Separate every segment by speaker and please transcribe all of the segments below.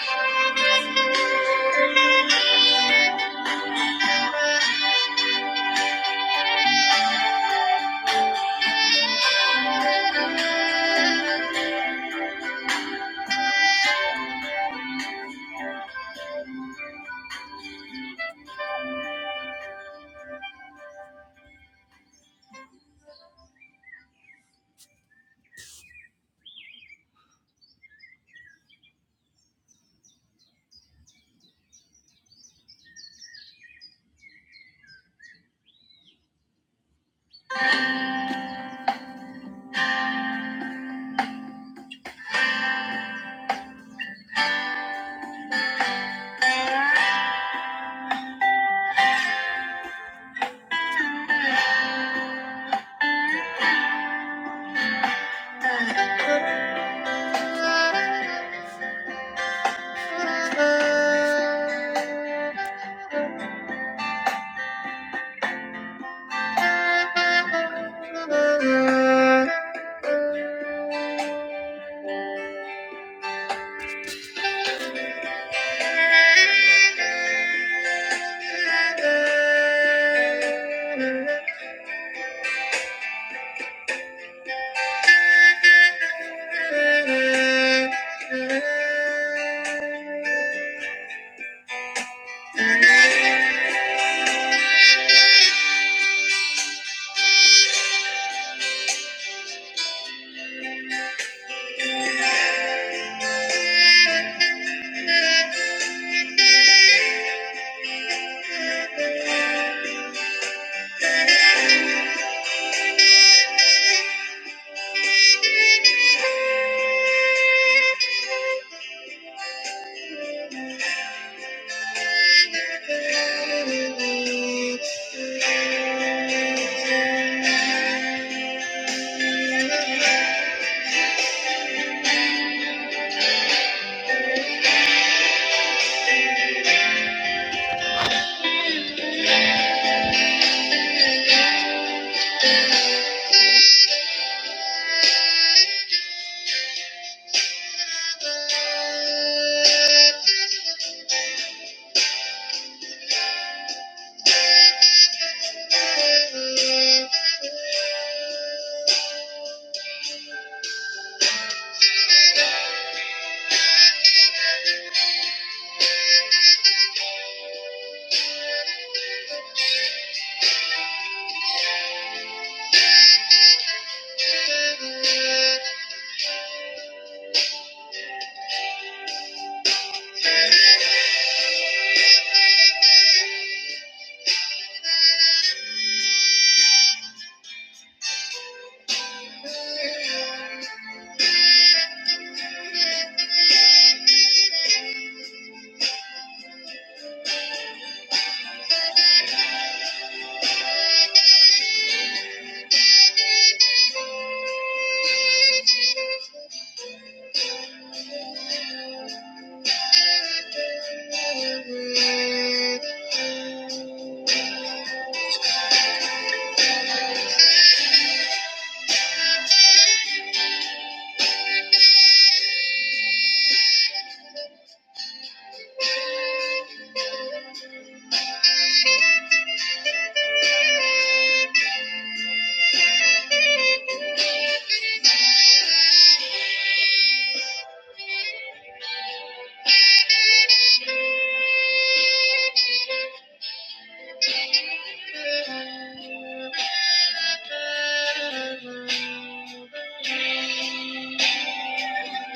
Speaker 1: Thank you. Thank you. Thank you. Thank you. Thank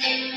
Speaker 1: you.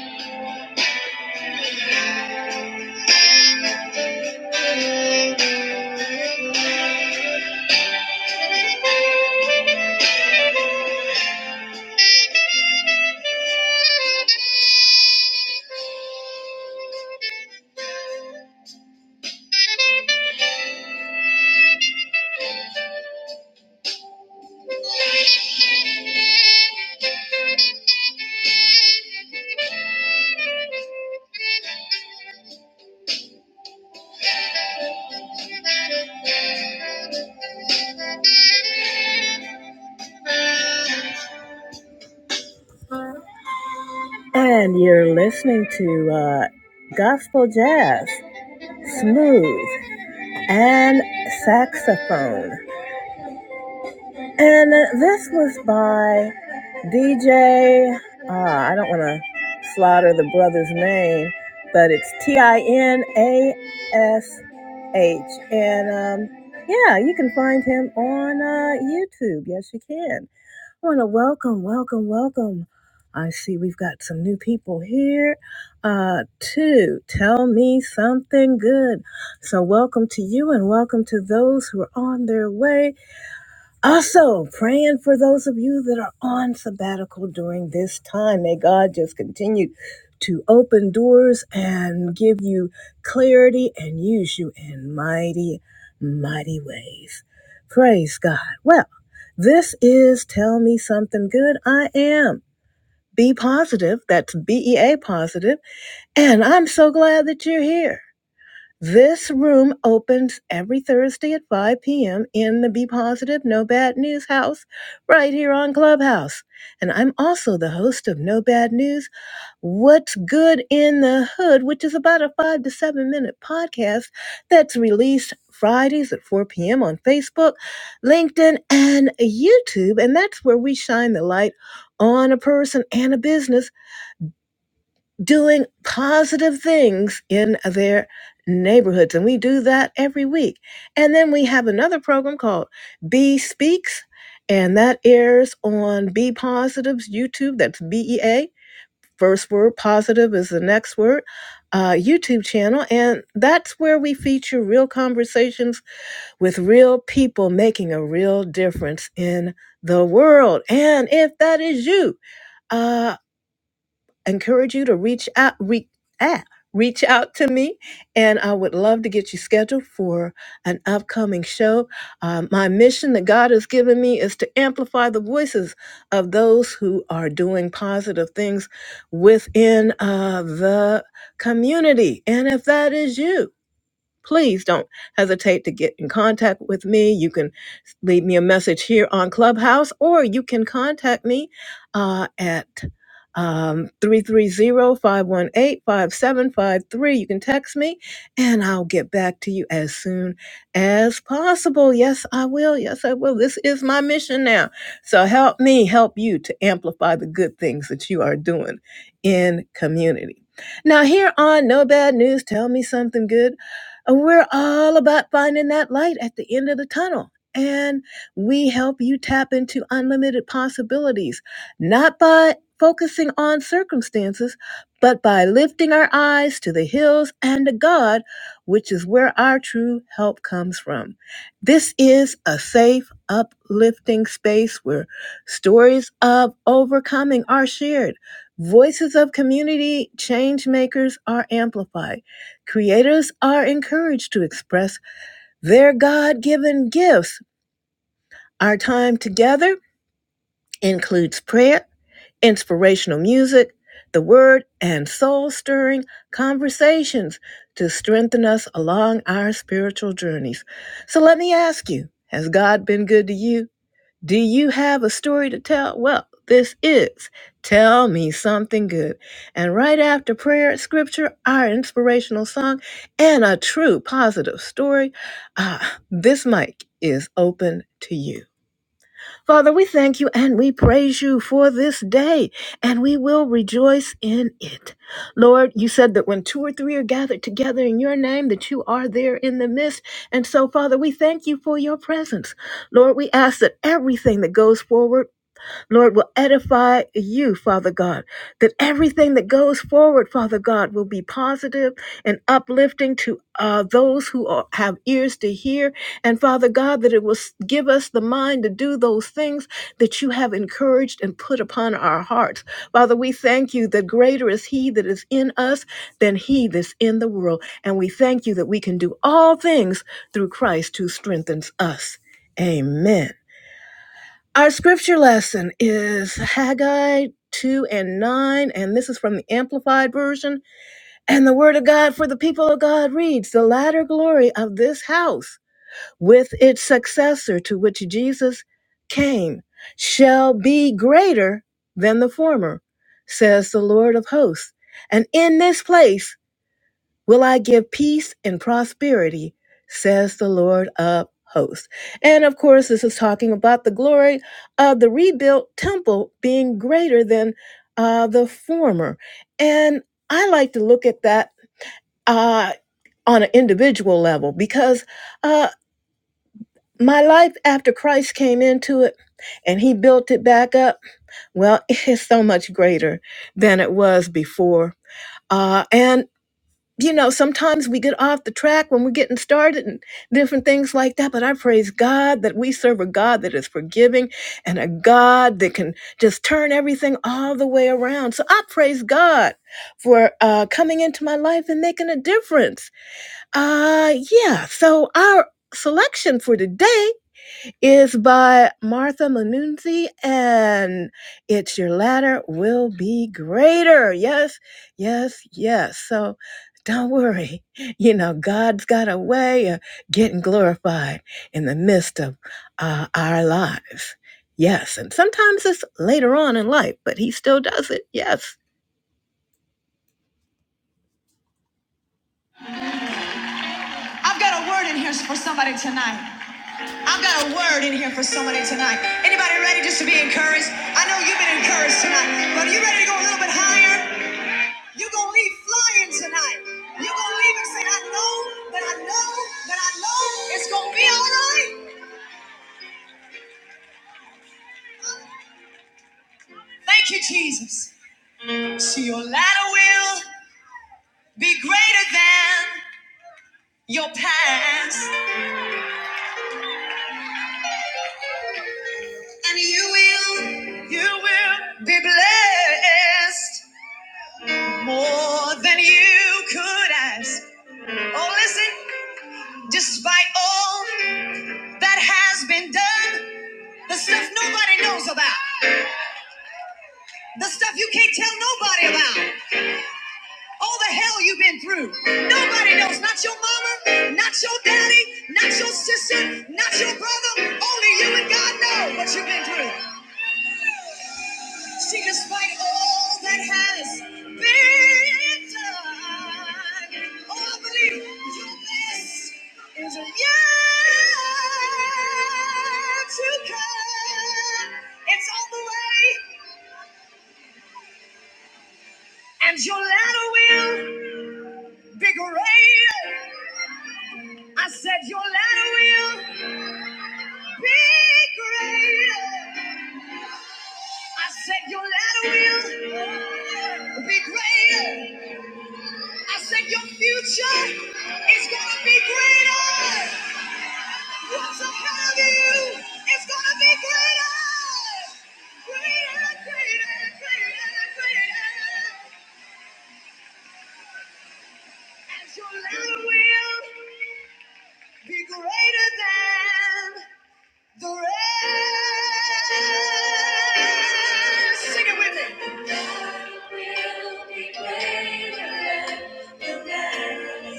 Speaker 1: And you're listening to uh, gospel jazz, smooth, and saxophone. And this was by DJ, uh, I don't want to slaughter the brother's name, but it's T I N A S H. And um, yeah, you can find him on uh, YouTube. Yes, you can. I want to welcome, welcome, welcome. I see we've got some new people here uh, to tell me something good. So, welcome to you and welcome to those who are on their way also, praying for those of you that are on sabbatical during this time. May God just continue to open doors and give you clarity and use you in mighty, mighty ways. Praise God. Well, this is Tell Me Something Good. I am. Be positive. That's B E A positive, positive. And I'm so glad that you're here. This room opens every Thursday at 5 p.m. in the Be Positive, No Bad News house right here on Clubhouse. And I'm also the host of No Bad News, What's Good in the Hood, which is about a five to seven minute podcast that's released Fridays at 4 p.m. on Facebook, LinkedIn, and YouTube. And that's where we shine the light on a person and a business doing positive things in their neighborhoods. And we do that every week. And then we have another program called B Speaks, and that airs on B Positive's YouTube. That's B E A. First word positive is the next word. Uh, YouTube channel, and that's where we feature real conversations with real people making a real difference in the world. And if that is you, uh, encourage you to reach out re, ah, reach out to me and i would love to get you scheduled for an upcoming show Um, my mission that god has given me is to amplify the voices of those who are doing positive things within uh, the community and if that is you please don't hesitate to get in contact with me. You can leave me a message here on Clubhouse, or you can contact me uh, at um 330 you can text me and i'll get back to you as soon as possible yes i will yes i will this is my mission now so help me help you to amplify the good things that you are doing in community now here on no bad news tell me something good and we're all about finding that light at the end of the tunnel. And we help you tap into unlimited possibilities, not by focusing on circumstances, but by lifting our eyes to the hills and to God, which is where our true help comes from. This is a safe, uplifting space where stories of overcoming are shared, voices of community change makers are amplified Creators are encouraged to express their God given gifts. Our time together includes prayer, inspirational music, the word, and soul stirring conversations to strengthen us along our spiritual journeys. So let me ask you has God been good to you? Do you have a story to tell? Well, this is Tell Me Something Good. And right after prayer, scripture, our inspirational song, and a true positive story, ah, this mic is open to you. Father, we thank you and we praise you for this day, and we will rejoice in it. Lord, you said that when two or three are gathered together in your name, that you are there in the midst. And so, Father, we thank you for your presence. Lord, we ask that everything that goes forward Lord, will edify you, Father God, that everything that goes forward, Father God, will be positive and uplifting to uh, those who are, have ears to hear. And Father God, that it will s- give us the mind to do those things that you have encouraged and put upon our hearts. Father, we thank you that greater is He that is in us than He that's in the world. And we thank you that we can do all things through Christ who strengthens us. Amen. Our scripture lesson is Haggai 2 and 9, and this is from the Amplified Version. And the Word of God for the people of God reads The latter glory of this house, with its successor to which Jesus came, shall be greater than the former, says the Lord of hosts. And in this place, will I give peace and prosperity, says the Lord of hosts. And of course, this is talking about the glory of the rebuilt temple being greater than uh, the former. And I like to look at that uh, on an individual level because uh, my life after Christ came into it and he built it back up, well, it's so much greater than it was before. Uh, and you know, sometimes we get off the track when we're getting started and different things like that. But I praise God that we serve a God that is forgiving and a God that can just turn everything all the way around. So I praise God for uh, coming into my life and making a difference. Uh, yeah. So our selection for today is by Martha Manunzi, and it's Your Ladder Will Be Greater. Yes, yes, yes. So don't worry. You know, God's got a way of getting glorified in the midst of uh, our lives. Yes, and sometimes it's later on in life, but He still does it. Yes. I've got a word in here for somebody tonight. I've got a word in here for somebody tonight. Anybody ready just to be encouraged? I know you've been encouraged tonight, but are you ready to go a little bit higher? You're gonna leave flying tonight. You're gonna leave and say, I know but I know but I know it's gonna be all right. Thank you, Jesus. So your latter will be greater than your past, and you will, you will be blessed more than you could ask. Oh, listen. Despite all that has been done, the stuff nobody knows about, the stuff you can't tell nobody about, all the hell you've been through, nobody knows. Not your mama, not your daddy, not your sister, not your brother. Only you and God know what you've been through. See, despite all that has been done, oh, I believe your best is yet to come. It's on the way, and your ladder will be greater. I said your ladder will be greater. I said your ladder will be greater. I said your future is gonna be greater. What's ahead of you is gonna be greater. Greater, greater, greater, greater. And your letter will be greater than the rest. Sing it with me. Will be greater than the rest.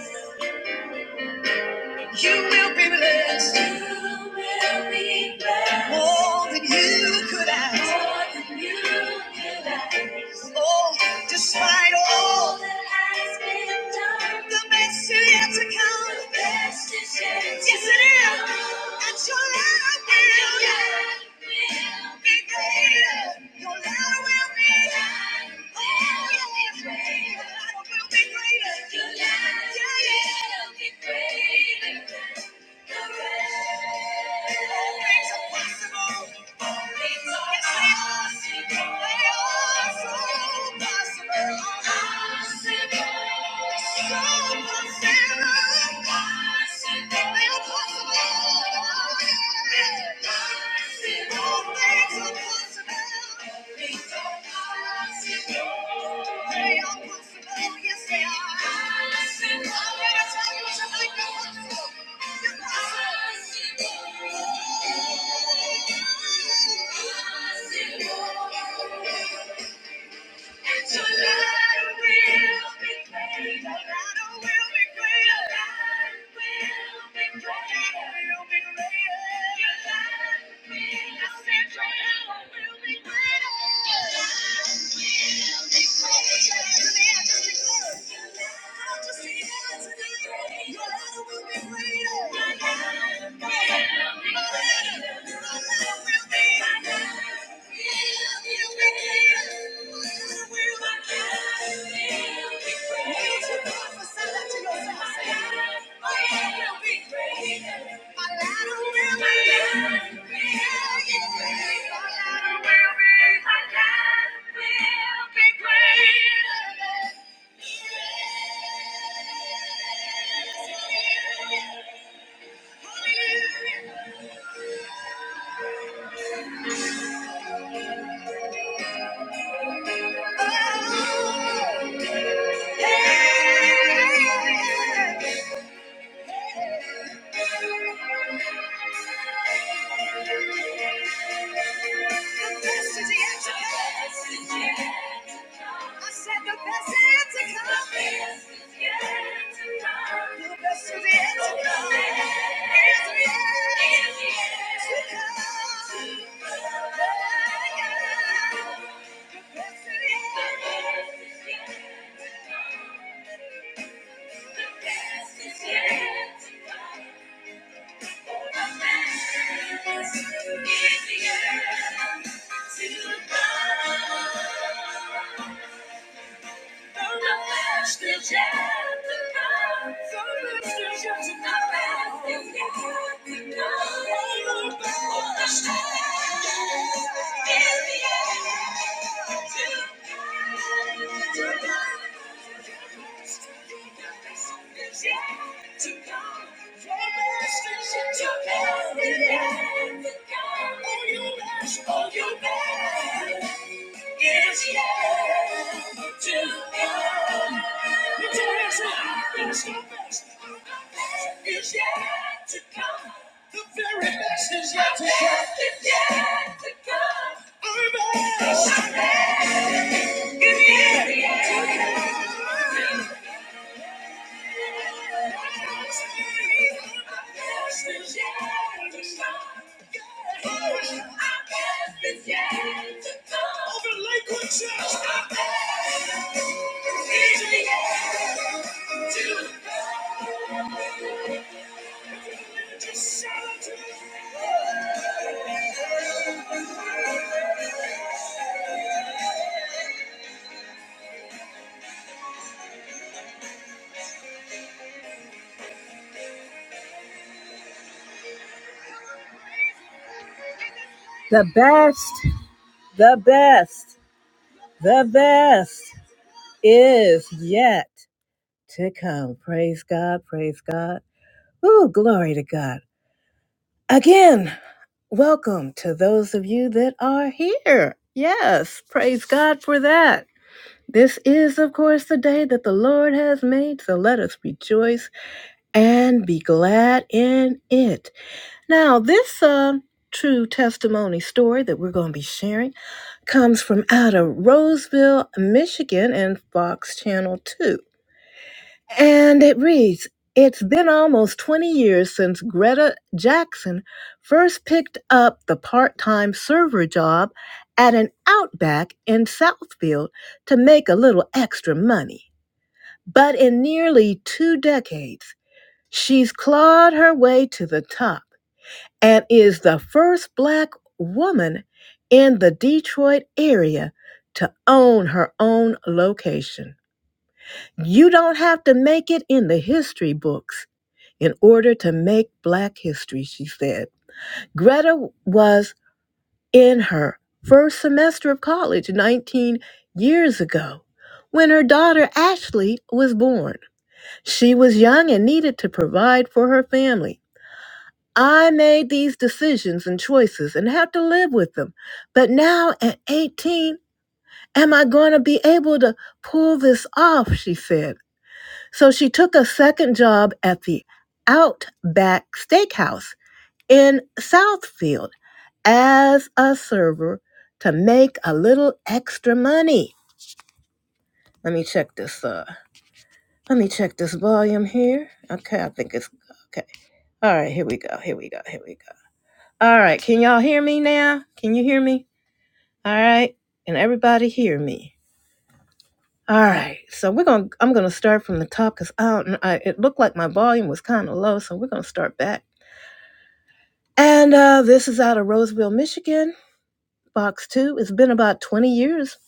Speaker 1: You will be blessed. You will be blessed. More than you could ask. More than you could ask. Oh, despite all that has been done, the best is yet to come. The best is yet Yes, it is. your love will be greater. Your love will be Oh, yes. Your love will be greater. Your love will be greater. They are Possible. Thank you. And Your light will be greater. Your light will be greater. Your light will be greater. You'll be greater. Your light will. I said your light will be greater. Your light will be greater. Let me ask you this word. Your light will be greater. Your light will be greater. Your light will be greater. Hallelujah. Yeah. The best is yet to come. I said the best is yet to come. The best is yet to come. Is yet to come. The best is yet to come. It's The end to you to go, to Yeah. It's yet to come. The best, the best, the best is yet to come. Praise God, praise God. Ooh, glory to God. Again, welcome to those of you that are here. Yes, praise God for that. This is, of course, the day that the Lord has made, so let us rejoice and be glad in it. Now, this uh, true testimony story that we're going to be sharing comes from out of Roseville, Michigan, and Fox Channel 2. And it reads It's been almost 20 years since Greta Jackson first picked up the part time server job at an Outback in Southfield to make a little extra money. But in nearly two decades, she's clawed her way to the top and is the first Black woman in the Detroit area to own her own location. You don't have to make it in the history books in order to make Black history, she said. Greta was in her first semester of college 19 years ago when her daughter Ashley was born. She was young and needed to provide for her family. I made these decisions and choices and had to live with them. But now at 18, am I going to be able to pull this off? She said. So she took a second job at the Outback Steakhouse in Southfield as a server to make a little extra money. Let me check this uh let me check this volume here. Okay, I think it's okay. All right, here we go. Here we go. Here we go. All right, can y'all hear me now? Can you hear me? All right. And everybody hear me. All right. So we're going to I'm going to start from the top cuz I don't I, it looked like my volume was kind of low, so we're going to start back. And uh this is out of Roseville, Michigan. Box 2. It's been about 20 years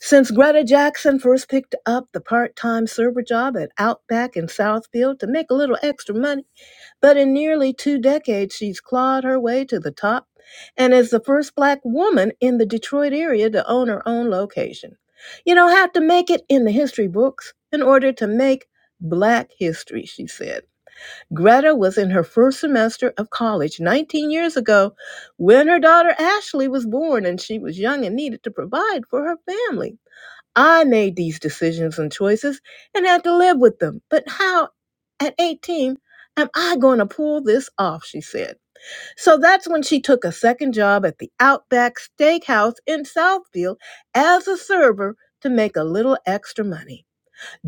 Speaker 1: Since Greta Jackson first picked up the part time server job at Outback in Southfield to make a little extra money, but in nearly two decades she's clawed her way to the top and is the first black woman in the Detroit area to own her own location. You don't have to make it in the history books in order to make black history, she said. Greta was in her first semester of college 19 years ago when her daughter Ashley was born and she was young and needed to provide for her family. I made these decisions and choices and had to live with them. But how at 18 am I going to pull this off? She said. So that's when she took a second job at the Outback Steakhouse in Southfield as a server to make a little extra money.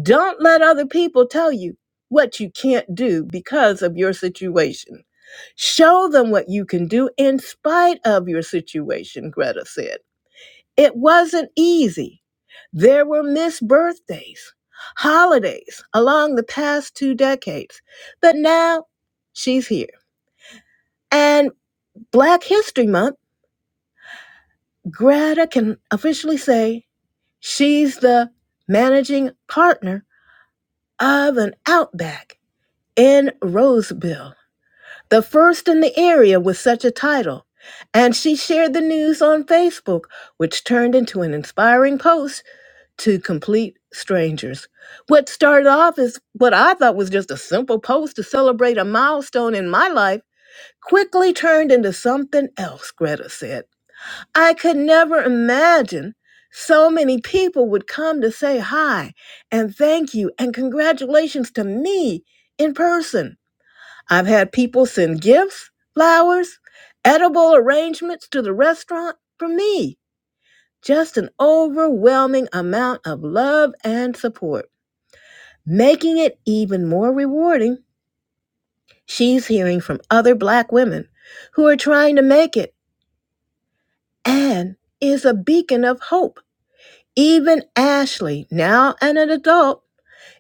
Speaker 1: Don't let other people tell you what you can't do because of your situation. Show them what you can do in spite of your situation, Greta said. It wasn't easy. There were missed birthdays, holidays along the past two decades, but now she's here. And Black History Month, Greta can officially say she's the managing partner of an outback in Roseville, the first in the area with such a title. And she shared the news on Facebook, which turned into an inspiring post to complete strangers. What started off as what I thought was just a simple post to celebrate a milestone in my life quickly turned into something else, Greta said. I could never imagine so many people would come to say hi and thank you and congratulations to me in person. I've had people send gifts, flowers, edible arrangements to the restaurant for me just an overwhelming amount of love and support, making it even more rewarding. She's hearing from other Black women who are trying to make it and is a beacon of hope. Even Ashley, now an adult,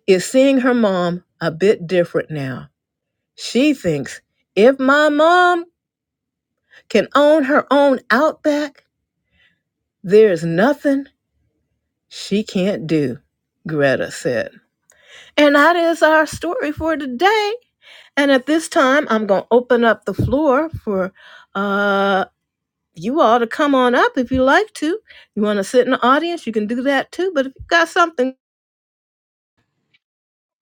Speaker 1: is seeing her mom a bit different now. She thinks if my mom can own her own outback, there's nothing she can't do, Greta said. And that is our story for today. And at this time, I'm going to open up the floor for uh, you all to come on up if you like to. You want to sit in the audience, you can do that too. But if you've got something,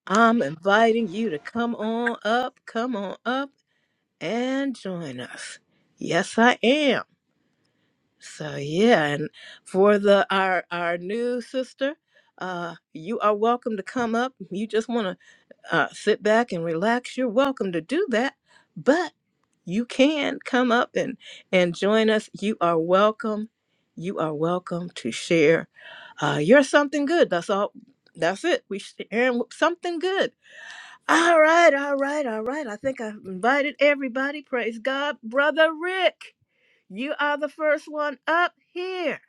Speaker 1: I'm inviting you to come on up, come on up and join us. Yes, I am. So yeah, and for the our our new sister, uh, you are welcome to come up. You just want to uh, sit back and relax, you're welcome to do that. But you can come up and and join us. You are welcome. You are welcome to share. Uh, you're something good. That's all. That's it. We sharing something good. All right, all right, all right. I think I've invited everybody. Praise God, brother Rick. You are the first one up here.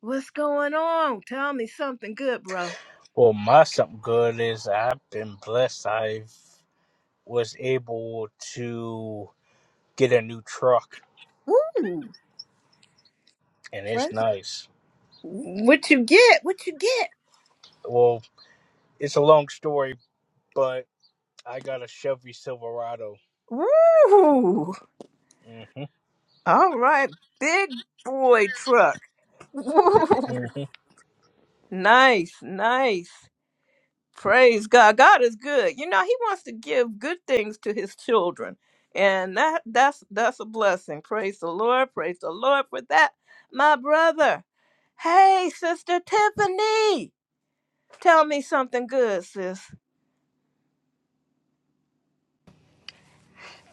Speaker 1: What's going on? Tell me something good, bro.
Speaker 2: Well, my something good is I've been blessed. I was able to get a new truck,
Speaker 1: Ooh,
Speaker 2: and it's
Speaker 1: friends.
Speaker 2: nice.
Speaker 1: What you get? What you get?
Speaker 2: Well, it's a long story, but I got a Chevy Silverado.
Speaker 1: Woo!
Speaker 2: hmm
Speaker 1: All right, big boy truck. Woo!
Speaker 2: hmm
Speaker 1: Nice, nice. Praise God. God is good. You know, He wants to give good things to His children, and that that's that's a blessing. Praise the Lord. Praise the Lord for that, my brother. Hey, sister Tiffany, tell me something good, sis.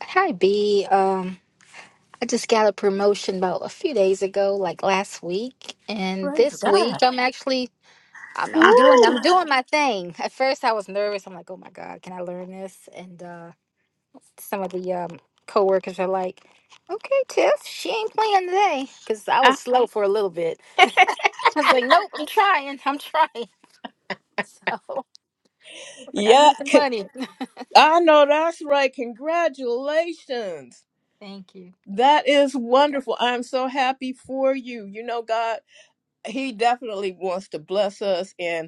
Speaker 3: Hi, B. Um, I just got a promotion about a few days ago, like last week, and this week I'm actually I'm I'm doing I'm doing my thing. At first I was nervous. I'm like, oh my God, can I learn this? And uh, some of the um, coworkers are like, okay, Tiff, she ain't playing today, because I was slow for a little bit. I was like, nope, I'm trying, I'm trying. So, but I
Speaker 1: Yeah,
Speaker 3: need the
Speaker 1: con-
Speaker 3: money.
Speaker 1: I know that's right. Congratulations.
Speaker 3: Thank you.
Speaker 1: That is wonderful. I'm so happy for you. You know, God, He definitely wants to bless us. And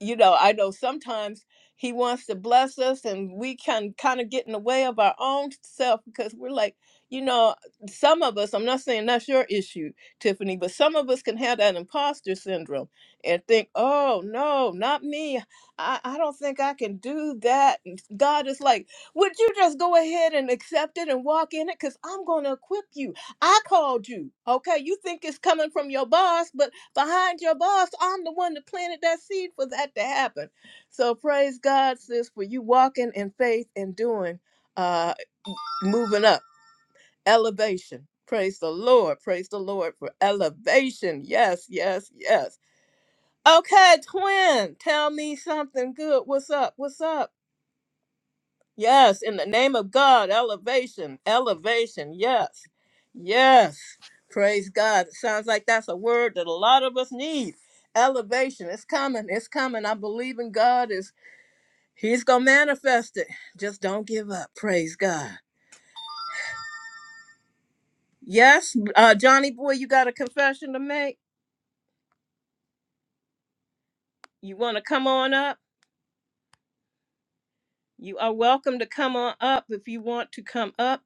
Speaker 1: you know, I know sometimes he wants to bless us and we can kind of get in the way of our own self because we're like, you know, some of us, I'm not saying that's your issue, Tiffany, but some of us can have that imposter syndrome and think, oh, no, not me. I, I don't think I can do that. And God is like, would you just go ahead and accept it and walk in it? Because I'm going to equip you. I called you. Okay. You think it's coming from your boss, but behind your boss. I'm the one that planted that seed for that to happen. So praise God, sis, for you walking in faith and doing, uh, moving up, elevation. Praise the Lord. Praise the Lord for elevation. Yes, yes, yes. Okay, twin, tell me something good. What's up? What's up? Yes, in the name of God, elevation, elevation. Yes, yes. Praise God. It sounds like that's a word that a lot of us need. Elevation. It's coming. It's coming. I believe in God. Is He's gonna manifest it. Just don't give up. Praise God. Yes, uh, Johnny boy, you got a confession to make. You want to come on up? You are welcome to come on up if you want to come up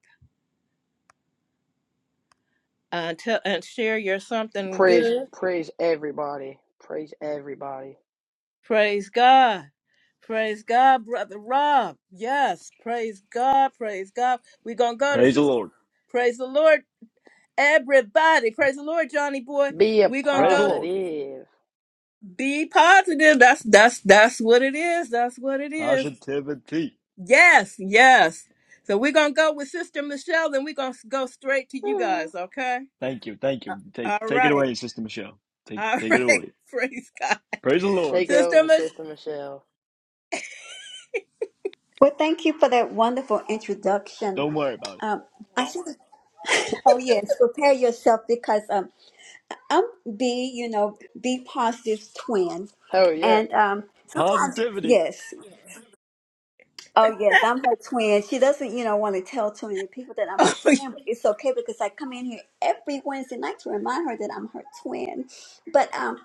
Speaker 1: uh, to, and share your something
Speaker 4: Praise,
Speaker 1: good.
Speaker 4: praise everybody. Praise everybody.
Speaker 1: Praise God. Praise God, Brother Rob. Yes, praise God, praise God. We're going to go to
Speaker 5: Praise the
Speaker 1: Sister.
Speaker 5: Lord.
Speaker 1: Praise the Lord, everybody. Praise the Lord, Johnny boy.
Speaker 4: Be a
Speaker 1: We're going to
Speaker 5: Praise the
Speaker 1: go
Speaker 5: Lord.
Speaker 4: positive.
Speaker 1: be positive. That's that's that's what it is. That's what it is.
Speaker 5: Positivity.
Speaker 1: Yes, yes. So we're going to go with Sister Michelle, then we're going to go straight to you guys, okay?
Speaker 5: Thank you. Thank you. Take
Speaker 1: All
Speaker 5: take it
Speaker 1: right.
Speaker 5: away, Sister Michelle. Take
Speaker 1: All
Speaker 5: take it
Speaker 1: right.
Speaker 5: away.
Speaker 1: Praise God.
Speaker 5: Praise the Lord.
Speaker 4: Take it
Speaker 1: Sister
Speaker 4: over,
Speaker 1: Michelle,
Speaker 4: Sister Michelle.
Speaker 6: Well, thank you for that wonderful introduction.
Speaker 5: Don't worry about it.
Speaker 6: Um, I should, oh yes, prepare yourself because um, I'm B, you know, B positive twin,
Speaker 4: Hell yeah.
Speaker 6: and um,
Speaker 5: Positivity.
Speaker 6: yes, oh yes, I'm her twin. She doesn't, you know, want to tell too many people that I'm her twin. But it's okay because I come in here every Wednesday night to remind her that I'm her twin. But um,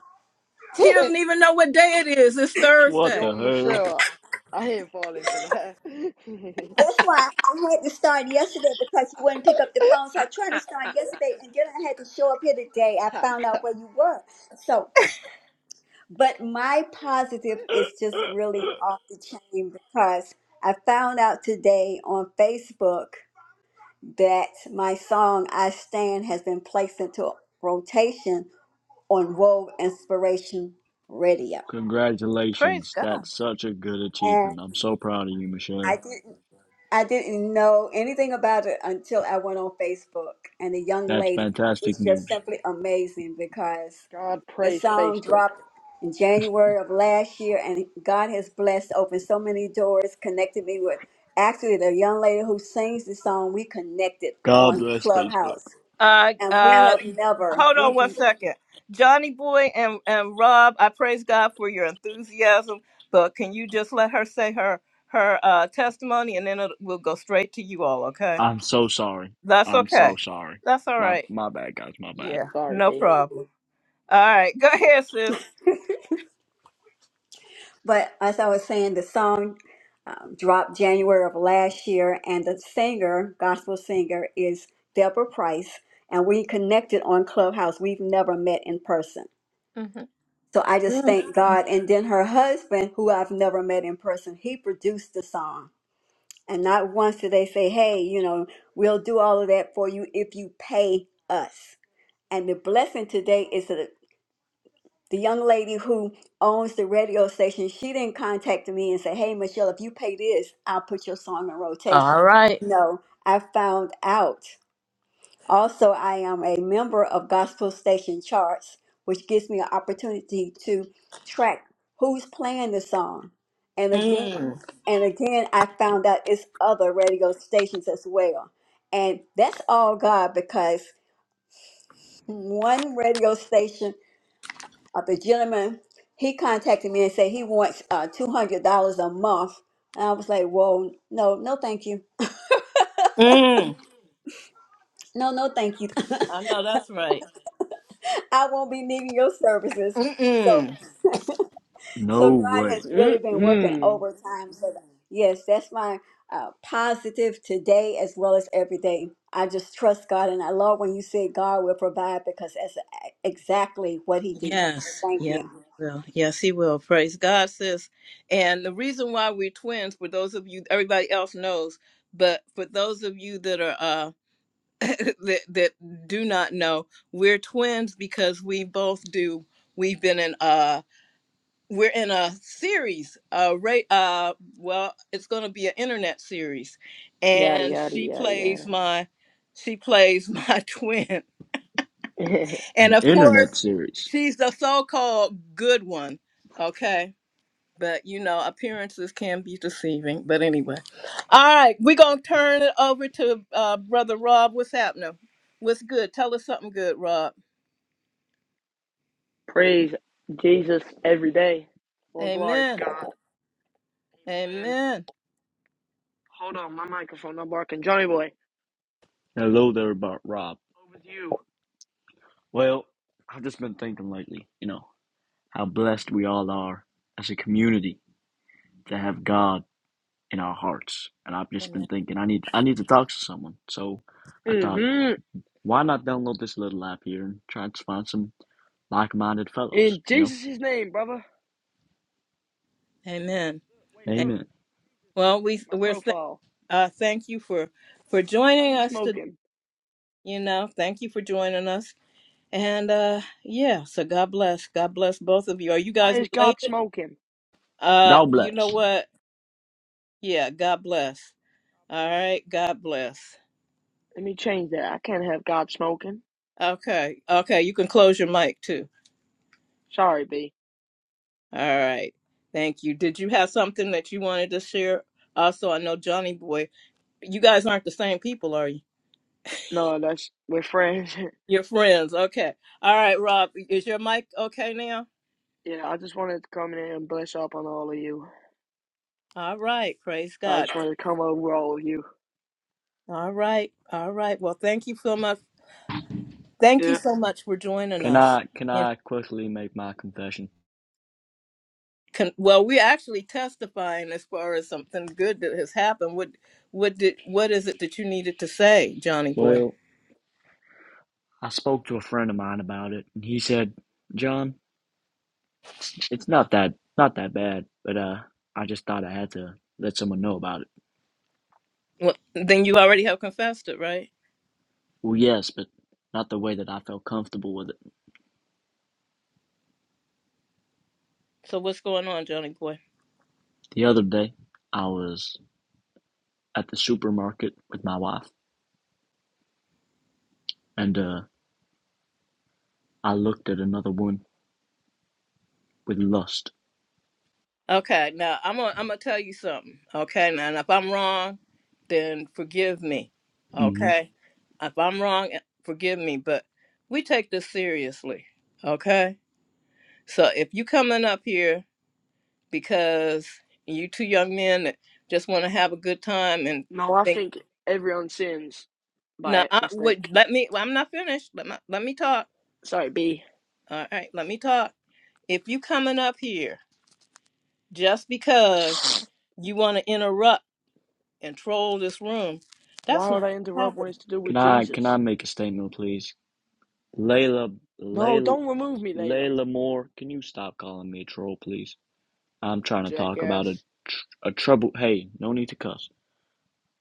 Speaker 1: she doesn't even know what day it is. It's
Speaker 5: What
Speaker 1: Thursday.
Speaker 4: Yo,
Speaker 5: the hell?
Speaker 4: Michelle, I ain't falling for that.
Speaker 6: that's why I had to start yesterday because you wouldn't pick up the phone. So I tried to start yesterday, and then I had to show up here today. I found out where you were, so. But my positive is just really off the chain because I found out today on Facebook that my song I Stand has been placed into rotation on World Inspiration Radio.
Speaker 1: Praise
Speaker 5: Congratulations.
Speaker 1: God.
Speaker 5: That's such a good
Speaker 6: And
Speaker 5: achievement. I'm so proud of you,
Speaker 6: I
Speaker 5: Michelle.
Speaker 6: didn't I didn't know anything about it until I went on Facebook and the young
Speaker 5: That's
Speaker 6: lady
Speaker 5: fantastic
Speaker 6: is just
Speaker 5: news.
Speaker 6: simply amazing because
Speaker 4: God
Speaker 6: The
Speaker 4: praise
Speaker 6: song
Speaker 4: Facebook.
Speaker 6: dropped in January of last year, and God has blessed, opened so many doors, connected me with actually the young lady who sings the song. We connected
Speaker 5: God
Speaker 6: on
Speaker 5: bless Facebook.
Speaker 6: Clubhouse,
Speaker 1: Uh,
Speaker 6: and we
Speaker 1: uh,
Speaker 6: have never
Speaker 1: hold on
Speaker 6: we.
Speaker 1: one second. Johnny Boy and, and Rob, I praise God for your enthusiasm, but can you just let her say her her uh, testimony and then it will go straight to you all, okay?
Speaker 5: I'm so sorry.
Speaker 1: That's
Speaker 5: I'm so
Speaker 1: okay.
Speaker 5: sorry.
Speaker 1: That's all
Speaker 5: My
Speaker 1: right.
Speaker 5: my bad guys, my bad.
Speaker 1: Yeah,
Speaker 4: Sorry,
Speaker 1: no
Speaker 4: B.
Speaker 1: problem. All right, go ahead, sis.
Speaker 6: But as I was saying, the song um, dropped January of last year, and the singer, gospel singer, is Deborah Price, and we connected on Clubhouse. We've never met in person.
Speaker 1: Mhm.
Speaker 6: So I just thank God. And then her husband, who I've never met in person, he produced the song. And not once did they say, hey, you know, we'll do all of that for you if you pay us. And the blessing today is that the young lady who owns the radio station, she didn't contact me and say, hey, Michelle, if you pay this, I'll put your song in rotation.
Speaker 1: All right.
Speaker 6: No, I found out. Also, I am a member of Gospel Station Charts, which gives me an opportunity to track who's playing the song. And again, and again, I found out it's other radio stations as well. And that's all God because one radio station, uh, the gentleman, he contacted me and said he wants uh, $200 a month. And I was like, whoa, no, no, thank you.
Speaker 1: Mm,
Speaker 6: No, no, thank you.
Speaker 1: I know that's right.
Speaker 6: I won't be needing your services. So
Speaker 1: Mm-mm.
Speaker 5: No
Speaker 6: So God
Speaker 5: way.
Speaker 6: has really been working
Speaker 4: Mm-mm.
Speaker 6: overtime. So that- yes, that's my uh, positive today as well as every day. I just trust God, and I love when you say God will provide because that's exactly what He did. So
Speaker 1: Yes,
Speaker 6: thank
Speaker 1: yes,
Speaker 6: you.
Speaker 1: will. Yes, he will. Praise God, sis. And the reason why we're twins, for those of you, everybody else knows, but for those of you that are uh that that do not know, we're twins because we both do. We've been in uh we're in a series, uh Ray uh well, it's gonna be an internet series.
Speaker 4: Yada,
Speaker 1: And
Speaker 4: yada,
Speaker 1: she
Speaker 4: yada,
Speaker 1: plays my she plays my twin.
Speaker 4: yada.
Speaker 1: And
Speaker 5: An
Speaker 1: of
Speaker 5: internet
Speaker 1: course,
Speaker 5: series.
Speaker 1: she's the so called good one. Okay. But you know, appearances can be deceiving. But anyway. All right. We're going to turn it over to uh, Brother Rob. What's happening? What's good? Tell us something good, Rob.
Speaker 4: praise Jesus every day. Well, glory to
Speaker 1: Amen.
Speaker 4: God. Amen.
Speaker 1: Amen.
Speaker 4: Hold on, my microphone, I'm barking. Johnny boy,
Speaker 5: Hello there, Bob.
Speaker 4: over to you.
Speaker 5: Well, I've just been thinking lately, you know, how blessed we all are as a community to have God in our hearts. And I've just
Speaker 1: Amen.
Speaker 5: been thinking I need I need to talk to someone. So I thought,
Speaker 4: Mm-hmm.
Speaker 5: why not download this little app here and try to find some like minded fellows,
Speaker 4: In
Speaker 5: you know?
Speaker 4: Jesus' name, brother.
Speaker 1: Amen.
Speaker 4: Wait,
Speaker 1: A-
Speaker 4: look.
Speaker 5: Amen.
Speaker 4: Jesus,
Speaker 1: Well,
Speaker 4: look.
Speaker 1: we,
Speaker 4: My
Speaker 1: we're th-
Speaker 4: profile.
Speaker 1: uh, thank you for,
Speaker 4: Oh,
Speaker 1: for
Speaker 4: hell no. Why is
Speaker 1: joining
Speaker 4: he
Speaker 1: us today.
Speaker 4: smoking?
Speaker 1: You know, thank you for joining us. And uh yeah, so God bless. God bless both of you. Are you
Speaker 4: Why
Speaker 1: guys
Speaker 4: is
Speaker 1: related?
Speaker 4: God smoking?
Speaker 1: Uh,
Speaker 5: God
Speaker 1: you know
Speaker 5: bless.
Speaker 1: what? Yeah, God bless. All right, God bless.
Speaker 4: Let me change that. I can't have God smoking.
Speaker 1: Okay, okay, you can close your mic too.
Speaker 4: Sorry, B.
Speaker 1: All right, thank you. Did you have something that you wanted to share? Also, I know Johnny Boy, you guys aren't the same people, are you?
Speaker 4: No, that's. We're friends.
Speaker 1: You're friends. Okay. All right, Rob, is your mic okay now?
Speaker 4: yeah, I just wanted to come in and bless up on all of you.
Speaker 1: All right, praise
Speaker 4: I
Speaker 1: God.
Speaker 4: just wanted to come over all of you.
Speaker 1: All right, all right. Well, thank you so much. Thank you
Speaker 4: Yeah.
Speaker 1: so much for joining
Speaker 5: Can I can
Speaker 1: us.
Speaker 5: I quickly make my confession?
Speaker 1: con- well we're actually testifying as far as something good that has happened what what did what is it that you needed to say johnny boy
Speaker 5: Well, I spoke to a friend of mine about it and he said, John, it's, it's not that not that bad, but uh I just thought I had to let someone know about it.
Speaker 1: well, then you already have confessed it right
Speaker 5: Well, yes, but not the way that I felt comfortable with it.
Speaker 1: so what's going on johnny boy
Speaker 5: The other day, I was at the supermarket with my wife, and uh, I looked at another one with lust.
Speaker 1: okay now i'm gonna i'm gonna tell you something okay now and if i'm wrong then forgive me
Speaker 5: hmm
Speaker 1: okay if i'm wrong eh, forgive me but we take this seriously okay so if you coming up here because you two young men that just want to have a good time and
Speaker 4: No, I
Speaker 1: think
Speaker 4: think everyone sins
Speaker 1: no
Speaker 4: by
Speaker 1: I would
Speaker 4: mistake.
Speaker 1: let me well, I'm not finished let, my, let me talk
Speaker 4: Sorry, B.
Speaker 1: all right let me talk if you coming up here just because you want to interrupt and troll this room that's
Speaker 4: Why would
Speaker 1: not
Speaker 4: I
Speaker 1: gonna
Speaker 4: interrupt when
Speaker 1: happen
Speaker 4: it's to do with
Speaker 5: Can I can I
Speaker 4: Jesus?
Speaker 5: make a statement, please? Layla,
Speaker 4: No,
Speaker 5: Layla,
Speaker 4: don't remove me later,
Speaker 5: Layla Moore, can you stop calling me a troll, please? I'm trying to talk about
Speaker 4: jackass.
Speaker 5: a tr- a trouble. Hey, no need to cuss.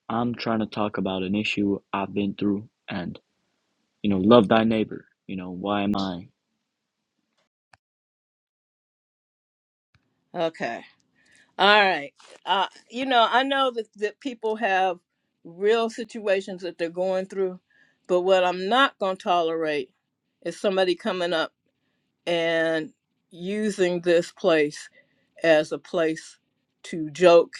Speaker 5: I'm trying to talk about an issue I've been through, and you know, love thy neighbor. You know, why am I?
Speaker 1: okay all right uh you know I know that, that people have real situations that they're going through but what I'm not going to tolerate is somebody coming up and using this place as a place to joke.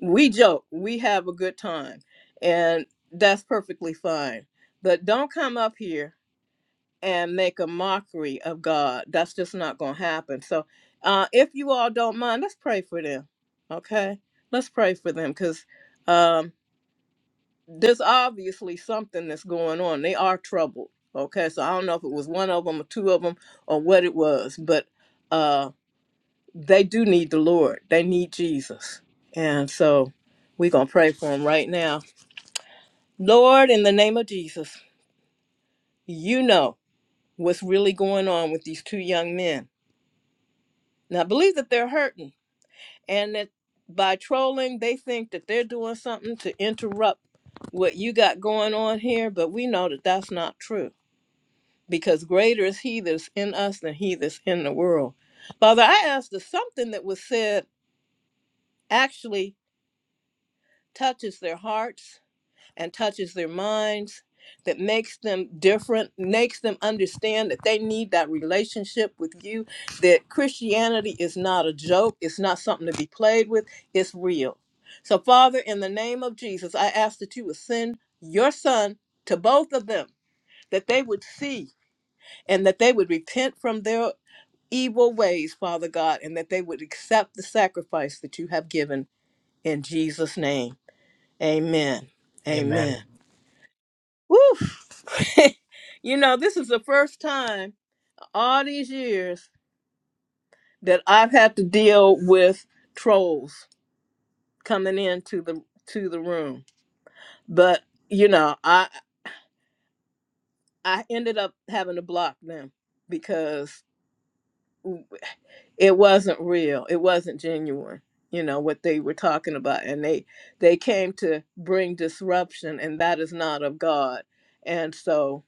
Speaker 1: We joke, we have a good time, and that's perfectly fine. But don't come up here and make a mockery of God. That's just not going to happen. So, uh, if you all don't mind, let's pray for them. Okay? Let's pray for them because um, there's obviously something that's going on. They are troubled. Okay? So, I don't know if it was one of them or two of them or what it was, but. Uh, they do need the Lord. They need Jesus. And so we're going to pray for them right now. Lord, in the name of Jesus, you know what's really going on with these two young men. Now, I believe that they're hurting and that by trolling, they think that they're doing something to interrupt what you got going on here, but we know that that's not true because greater is He that's in us than He that's in the world. Father, I ask that something that was said actually touches their hearts and touches their minds that makes them different makes them understand that they need that relationship with you that christianity is not a joke it's not something to be played with it's real so father in the name of jesus i ask that you would send your son to both of them that they would see and that they would repent from their evil ways father god and that they would accept the sacrifice that you have given in jesus name amen
Speaker 2: Amen.
Speaker 1: amen Woo! you know, this is the first time all these years that I've had to deal with trolls coming into the to the room. But you know, I I ended up having to block them because it wasn't real. It wasn't genuine. You know what they were talking about, and they they came to bring disruption, and that is not of God. And so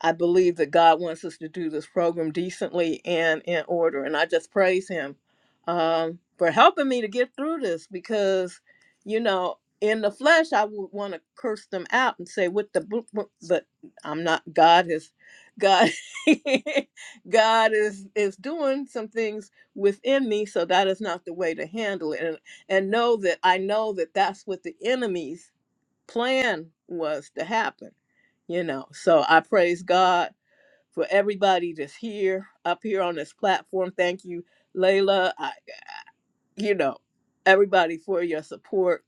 Speaker 1: I believe that God wants us to do this program decently and in order. And I just praise Him um, for helping me to get through this because, you know, in the flesh, I would want to curse them out and say, "With the," book," but I'm not. God is, God, God is is doing some things within me, so that is not the way to handle it. And and know that I know that that's what the enemies plan was to happen you know so i praise god for everybody that's here up here on this platform thank you layla i you know everybody for your support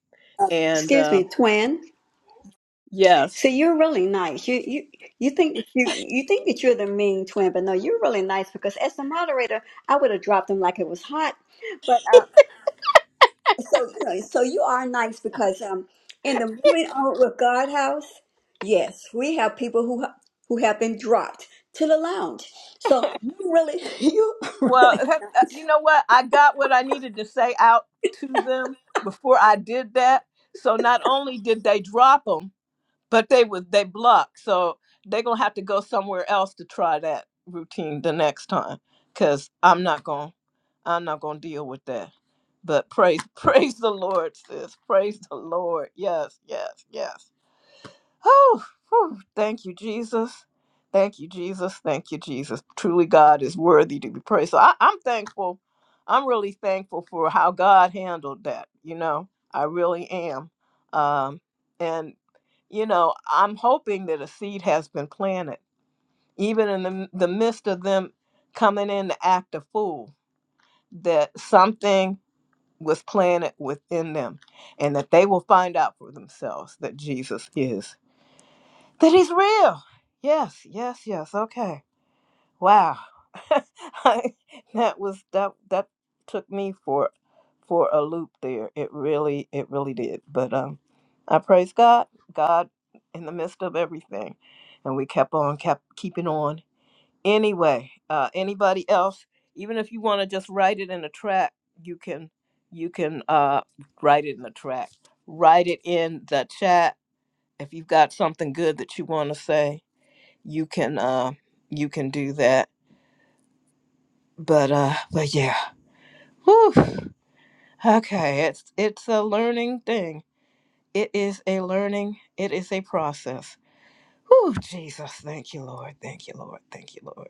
Speaker 1: and
Speaker 6: Excuse
Speaker 1: uh,
Speaker 6: me, twin. So
Speaker 1: yes
Speaker 6: you're really nice. You you you think that you you think that you're the mean twin, but no, you're really nice because as the moderator, I would have dropped them like it was hot. but. uh, So you know, so you are nice because um, in the moving on with God house, yes, we have people who ha- who have been dropped to the lounge. So you really, you are
Speaker 1: well
Speaker 6: really nice.
Speaker 1: you know what i got what i needed to say out to them before i did that so not only did they drop them. but they was they blocked so they're gonna have to go somewhere else to try that routine the next time because i'm not gonna i'm not gonna deal with that but praise praise the lord sis praise the lord yes yes yes Oh, whew. thank you, Jesus. Thank you, Jesus. Thank you, Jesus. Truly, God is worthy to be praised. So I, I'm thankful. I'm really thankful for how God handled that. You know, I really am. Um, and, you know, I'm hoping that a seed has been planted, even in the, the midst of them coming in to act a fool, that something was planted within them and that they will find out for themselves that Jesus is. That he's real. Yes, yes, yes. Okay. Wow. I, that was that that took me for for a loop there. It really it really did. But um I praise God. God in the midst of everything. And we kept on kept keeping on. Anyway, uh anybody else, even if you want to just write it in a track, you can you can uh write it in the track. Write it in the chat if you've got something good that you want to say you can uh you can do that but uh but yeah Whew. okay it's it's a learning thing it is a learning it is a process Whew, jesus thank you lord thank you lord thank you lord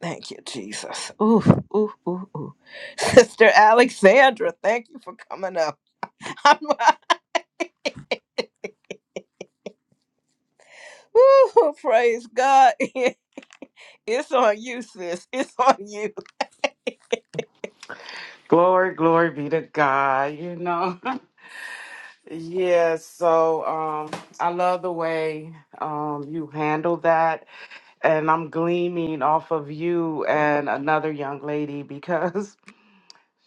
Speaker 1: thank you jesus ooh ooh ooh ooh sister alexandra thank you for coming up I'm, ooh, praise god it's on you sis it's on you
Speaker 7: Glory, glory be to God, you know. yeah, so um I love the way um you handle that and I'm gleaming off of you and another young lady because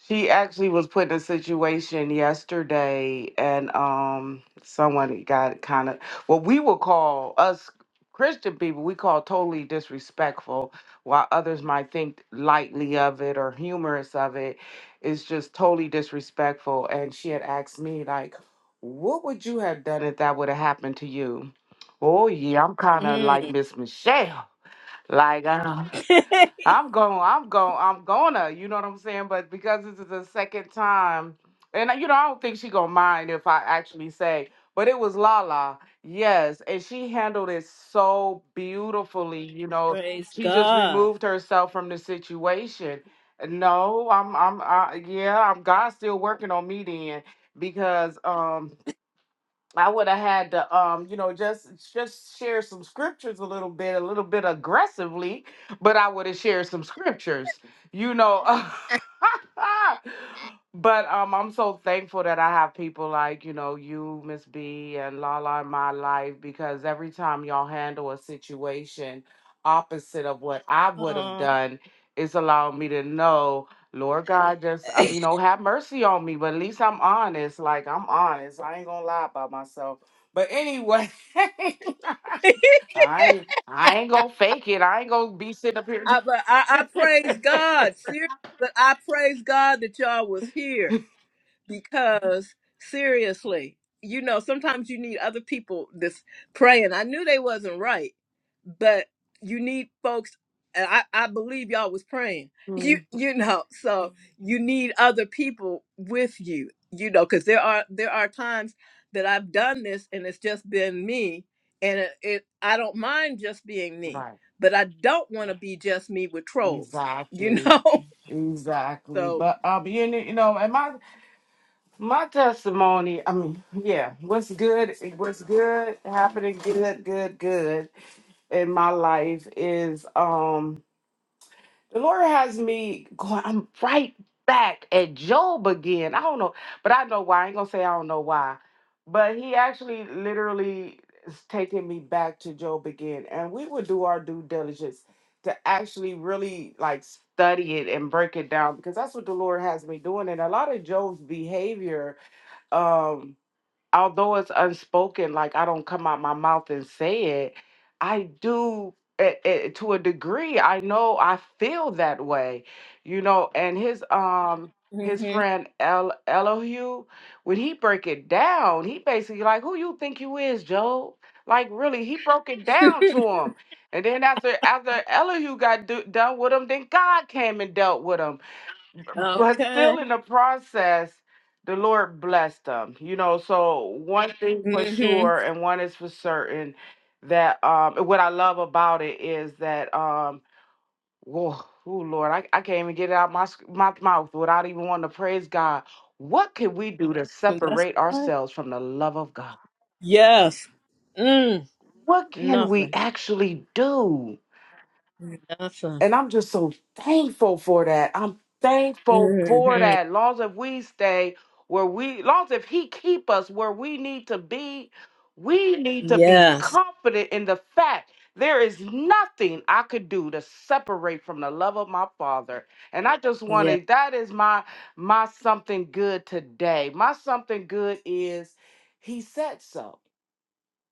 Speaker 7: She actually was put in a situation yesterday, and um, someone got kind of what we would call us Christian people, we call totally disrespectful, while others might think lightly of it or humorous of it. It's just totally disrespectful. And she had asked me, like, what would you have done if that would have happened to you? Oh, yeah, I'm kind of like Miss Michelle. Like, uh, I'm going, I'm going, I'm gonna, you know what I'm saying? But because this is the second time, and uh, you know, I don't think she gonna mind if I actually say, but it was Lala, yes, and she handled it so beautifully, you know.
Speaker 1: Praise
Speaker 7: She just
Speaker 1: God.
Speaker 7: removed herself from the situation. No, I'm, I'm, I, yeah, I'm God's still working on me then because, um, I would have had to, um, you know, just just share some scriptures a little bit, a little bit aggressively, but I would have shared some scriptures, you know. but um, I'm so thankful that I have people like you know you, Miss B, and Lala in my life because every time y'all handle a situation opposite of what I would have done, it's allowed me to know Lord God, just um, you know, have mercy on me. But at least I'm honest. Like I'm honest. I ain't gonna lie about myself. But anyway, I ain't, I ain't gonna fake it. I ain't gonna be sitting up here.
Speaker 1: I, but I, I praise God. Seriously, but I praise God that y'all was here because seriously, you know, sometimes you need other people this praying. I knew they wasn't right, but you need folks and I, I believe y'all was praying. You
Speaker 7: Mm,
Speaker 1: you know, so you need other people with you, you know, because there are there are times that I've done this and it's just been me and it, it I don't mind just being me,
Speaker 7: right.
Speaker 1: but I don't want to be just me with trolls, you
Speaker 7: Exactly.
Speaker 1: know?
Speaker 7: Exactly.
Speaker 1: so
Speaker 7: But um, you know, you know, and my my testimony. I mean, yeah, what's good? What's good happening? Good, good, good in my life is um. The Lord has me going, I'm right back at Job again. I don't know, but I know why. I ain't gonna say I don't know why. But he actually literally is taking me back to Job again. And we would do our due diligence to actually really like study it and break it down because that's what the Lord has me doing. And a lot of Job's behavior um, although it's unspoken, like I don't come out my mouth and say it, I do eh, eh, to a degree. I know I feel that way, you know. And his um his
Speaker 1: mhm.
Speaker 7: friend El Elohu, when he break it down, he basically like, who you think you is, Joe? Like really, he broke it down to him. And then after after Elihu got do, done with him, then God came and dealt with him but
Speaker 1: Okay.
Speaker 7: still in the process the lord blessed them you know so one thing for
Speaker 1: Mhm.
Speaker 7: sure and one is for certain that um what i love about it is that um whoa oh lord I, I can't even get it out my sc- my mouth without even wanting to praise god what can we do to
Speaker 1: Well, That's
Speaker 7: separate
Speaker 1: all right.
Speaker 7: ourselves from the love of god
Speaker 1: Yes. Mm,
Speaker 7: what can we
Speaker 1: nothing.
Speaker 7: actually do
Speaker 1: Nothing.
Speaker 7: And I'm just so thankful for that. I'm thankful for
Speaker 1: hmm
Speaker 7: that. Long as we stay where we, long as if he keep us where we need to be, we need to be
Speaker 1: Yes.
Speaker 7: confident in the fact there is nothing I could do to separate from the love of my father. And I just
Speaker 1: Yeah.
Speaker 7: wanted that is my my something good today. My something good is he said so.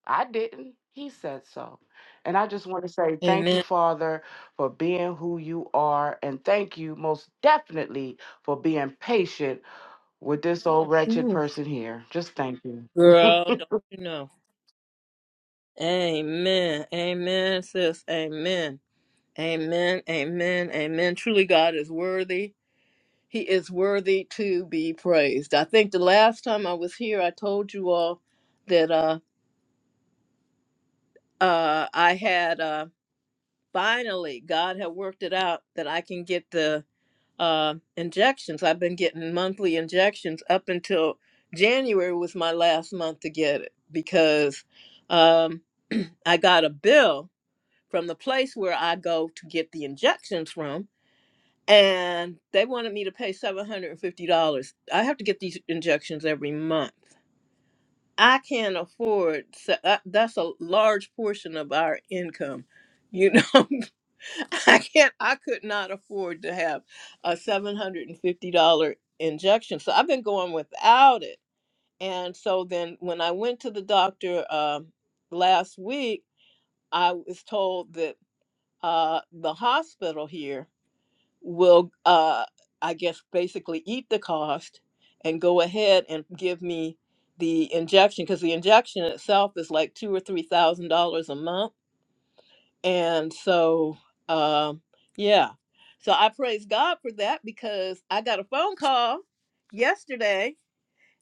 Speaker 7: I didn't. He said so. And I just want to say thank you,
Speaker 1: Amen.
Speaker 7: Father, for being who you are. And thank you most definitely for being patient with this old Yes. wretched
Speaker 1: Ooh,
Speaker 7: person here. Just thank you.
Speaker 1: girl, don't you know? Amen. Amen, sis. Amen. Amen. Amen. Amen. Truly, God is worthy. He is worthy to be praised. I think the last time I was here, I told you all that uh, uh, I had uh, finally, God had worked it out that I can get the uh, injections. I've been getting monthly injections up until January was my last month to get it because um, I got a bill from the place where I go to get the injections from, and they wanted me to pay $750. I have to get these injections every month. I can't afford se- that- that's a large portion of our income, you know. I can't. I could not afford to have a seven hundred and fifty dollar injection, so I've been going without it. And so then, when I went to the doctor um last week, I was told that uh, the hospital here will, uh, I guess, basically eat the cost and go ahead and give me the injection because the injection itself is like two or three thousand dollars a month and so, um, yeah. So I praise God for that because I got a phone call yesterday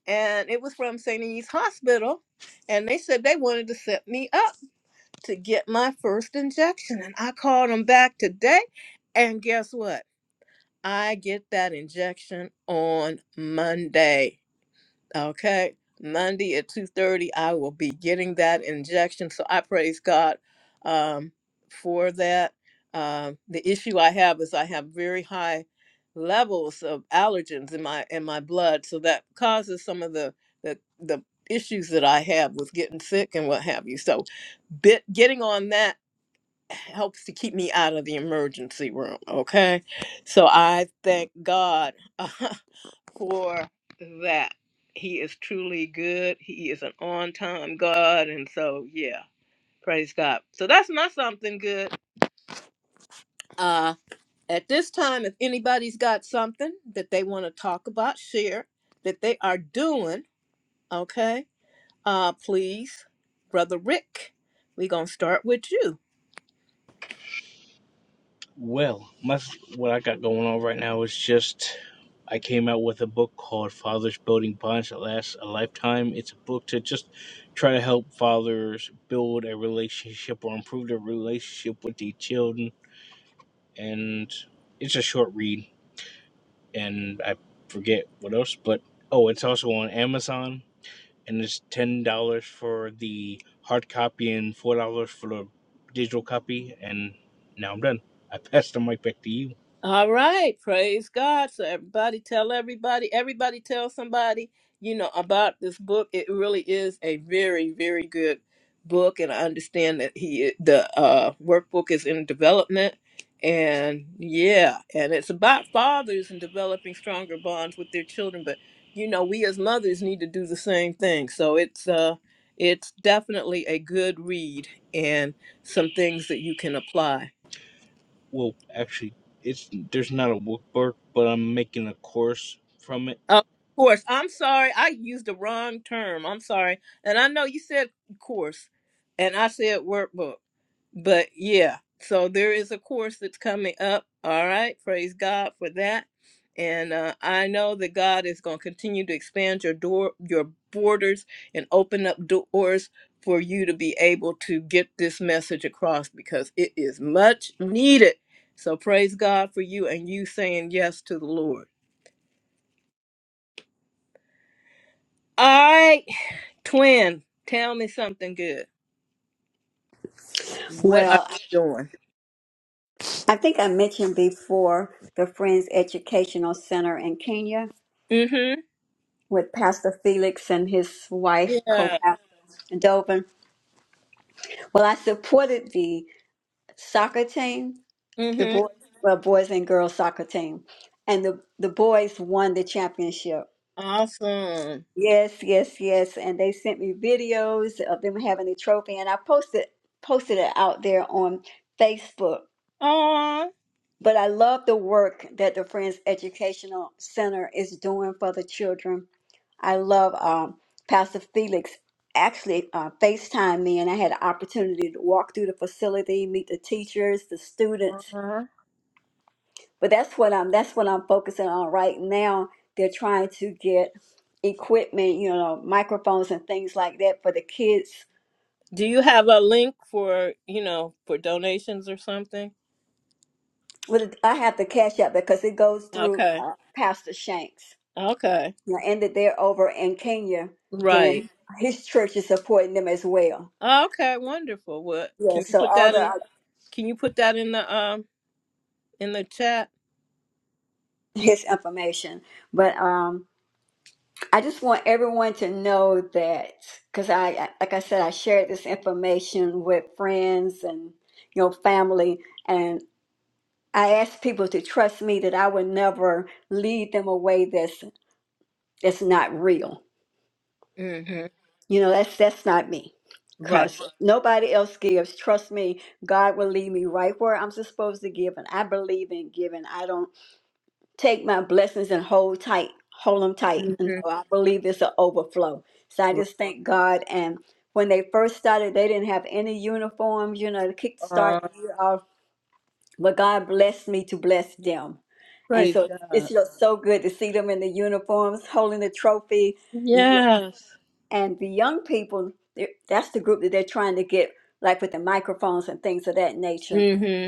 Speaker 1: and it was from St. Anne's Hospital. And they said they wanted to set me up to get my first injection. And I called them back today. And guess what? I get that injection on Monday. Okay. Monday at 2:30 I will be getting that injection. So I praise God um for that. Um the issue I have is I have very high levels of allergens in my in my blood, so that causes some of the the the issues that I have with getting sick and what have you. So bit getting on that helps to keep me out of the emergency room. Okay. So I thank God for that. He is truly good. He is an on time God. And so, yeah, praise God. So that's my something good. Uh, at this time, if anybody's got something that they want to talk about, share that they are doing, okay, uh, please, Brother Rick, we're going to start with you.
Speaker 2: Well, my, what I got going on right now is just I came out with a book called Fathers Building Bonds That Last a Lifetime. It's a book to just try to help fathers build a relationship or improve their relationship with their children and it's a short read, and I forget what else. But oh, it's also on Amazon, and it's ten dollars for the hard copy and four dollars for the digital copy. And now I'm done. I pass the mic back to you.
Speaker 1: All right, praise God. So everybody tell everybody, everybody tell somebody, you know, about this book. It really is a very, very good book and I understand that he the uh workbook is in development and yeah, and it's about fathers and developing stronger bonds with their children, but you know, we as mothers need to do the same thing. So it's uh it's definitely a good read and some things that you can apply.
Speaker 2: Well, actually, it's there's not a workbook, but I'm making a course from it,
Speaker 1: Of course. I'm sorry. I used the wrong term. I'm sorry. And I know you said course, and I said workbook. But yeah, so there is a course that's coming up. All right. Praise God for that. And uh, I know that God is going to continue to expand your door, your borders, and open up doors for you to be able to get this message across because it is much needed. So praise God for you and you saying yes to the Lord. All right, twin, tell me something good. What are
Speaker 6: Well,
Speaker 1: you doing?
Speaker 6: I think I mentioned before the Friends Educational Center in Kenya
Speaker 1: Mm-hmm.
Speaker 6: with Pastor Felix and his wife,
Speaker 1: Yeah.
Speaker 6: co-pastor Dovin. Well, I supported the soccer team, the
Speaker 1: Mm-hmm.
Speaker 6: boys, well, boys and girls soccer team, and the the boys won the championship.
Speaker 1: Awesome.
Speaker 6: Yes, yes, yes. And they sent me videos of them having the trophy and I posted posted it out there on Facebook.
Speaker 1: Aw.
Speaker 6: But I love the work that the Friends Educational Center is doing for the children. I love um, Pastor Felix actually uh, FaceTimed me and I had an opportunity to walk through the facility, meet the teachers, the students, but that's what I'm that's what I'm focusing on right now. They're trying to get equipment, you know, microphones and things like that for the kids.
Speaker 1: Do you have a link for, you know, for donations or something?
Speaker 6: With I have to cash out because it goes through
Speaker 1: Okay.
Speaker 6: uh, Pastor Shanks.
Speaker 1: Okay.
Speaker 6: You know, and that they're over in Kenya,
Speaker 1: Right.
Speaker 6: then his church is supporting them as well.
Speaker 1: Okay, wonderful. What
Speaker 6: Yeah,
Speaker 1: can you
Speaker 6: so
Speaker 1: put
Speaker 6: all
Speaker 1: that in
Speaker 6: the
Speaker 1: can you put that in the um in the chat?
Speaker 6: his information, but um. I just want everyone to know that because I, I- like I said, I shared this information with friends and you know family, and I asked people to trust me that I would never lead them away that's that's not real.
Speaker 1: Mm-hmm.
Speaker 6: You know, that's that's not me.
Speaker 1: Right.
Speaker 6: Because nobody else gives. Trust me, God will lead me right where I'm supposed to give. And I believe in giving. I don't. take my blessings and hold tight, hold them tight. No,
Speaker 1: Mm-hmm.
Speaker 6: I believe it's an overflow. So I just thank God. And when they first started, they didn't have any uniforms, you know, to kick start
Speaker 1: Uh,
Speaker 6: the year off. But God blessed me to bless them. And
Speaker 1: praise
Speaker 6: so
Speaker 1: God.
Speaker 6: it's just so good to see them in the uniforms, holding the trophy. Yeah.
Speaker 1: Yes.
Speaker 6: And the young people, they're- that's the group that they're trying to get, like with the microphones and things of that nature.
Speaker 1: Mm-hmm.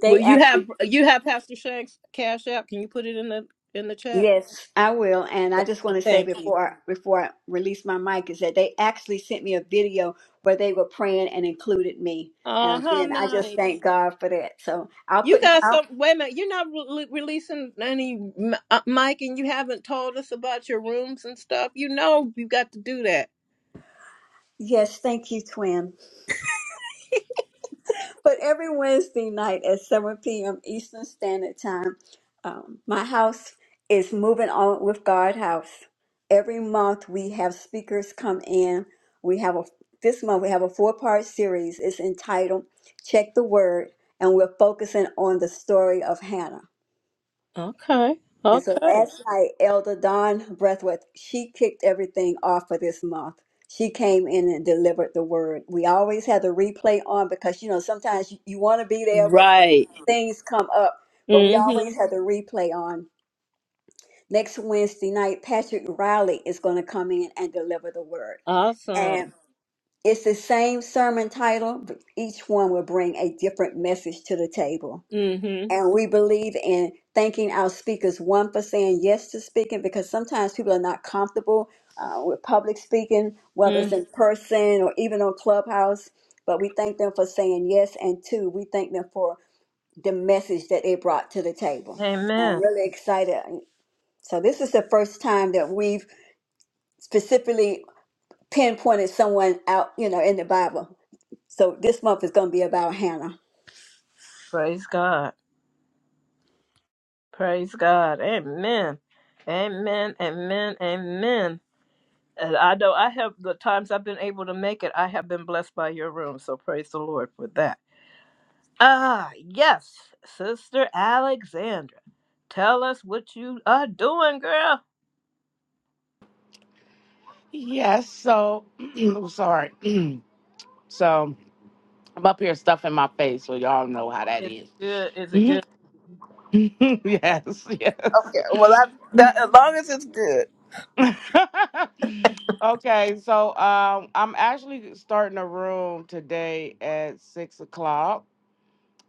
Speaker 6: They
Speaker 1: Well, you
Speaker 6: actually
Speaker 1: have you have Pastor Shank's cash app. Can you put it in the in the chat?
Speaker 6: Yes, I will. And I just want to say
Speaker 1: Thank you.
Speaker 6: before before I release my mic is that they actually sent me a video where they were praying and included me.
Speaker 1: Oh,
Speaker 6: And
Speaker 1: how
Speaker 6: again, I just
Speaker 1: nice!
Speaker 6: thank God for that. So I'll
Speaker 1: You
Speaker 6: put.
Speaker 1: got
Speaker 6: I'll,
Speaker 1: some. Wait a minute. You're not re- releasing any m- uh, mic, and you haven't told us about your rooms and stuff. You know you got to do that.
Speaker 6: yes, thank you, twin. But every Wednesday night at 7 p.m. Eastern Standard Time, um, my house is moving on with God House. Every month we have speakers come in. We have a this month we have a four-part series. It's entitled "Check the Word," and we're focusing on the story of Hannah.
Speaker 1: Okay.
Speaker 6: And so
Speaker 1: Okay.
Speaker 6: last night, Elder Dawn Breathworth, she kicked everything off for this month. She came in and delivered the word. We always had the replay on because, you know, sometimes you, you want to be there, but
Speaker 1: Right.
Speaker 6: things come up, but we
Speaker 1: Mm-hmm.
Speaker 6: always have the replay on. Next Wednesday night, Patrick Riley is going to come in and deliver the word.
Speaker 1: Awesome.
Speaker 6: And it's the same sermon title, but each one will bring a different message to the table.
Speaker 1: Mm-hmm.
Speaker 6: And we believe in thanking our speakers, one for saying yes to speaking, because sometimes people are not comfortable uh, with public speaking, whether it's
Speaker 1: mm-hmm.
Speaker 6: in person or even on Clubhouse. But we thank them for saying yes. And two, we thank them for the message that they brought to the table. So I'm
Speaker 1: Amen.
Speaker 6: really excited. So this is the first time that we've specifically pinpointed someone out, you know, in the Bible. So this month is going to be about Hannah.
Speaker 1: Praise God. Praise God. Amen. Amen. Amen. Amen. And I know I have the times I've been able to make it, I have been blessed by your room. So praise the Lord for that. Ah, yes, Sister Alexandra. Tell us what you are doing, girl.
Speaker 7: Yes. So, I'm sorry. so, I'm up here stuffing my face. So, y'all know how that
Speaker 1: Is
Speaker 7: is.
Speaker 1: it good? Is it
Speaker 7: yes.
Speaker 1: good?
Speaker 7: Yes.
Speaker 1: Okay, well, I, that as long as it's good.
Speaker 7: okay. So, um, I'm actually starting a room today at six o'clock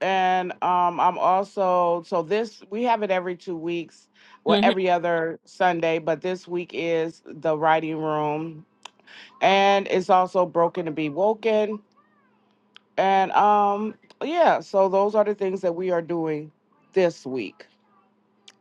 Speaker 7: And um, I'm also, so this, we have it every two weeks, well,
Speaker 1: hmm
Speaker 7: every other Sunday, but this week is the writing room. And it's also broken to be woken. And um, yeah, so those are the things that we are doing this week.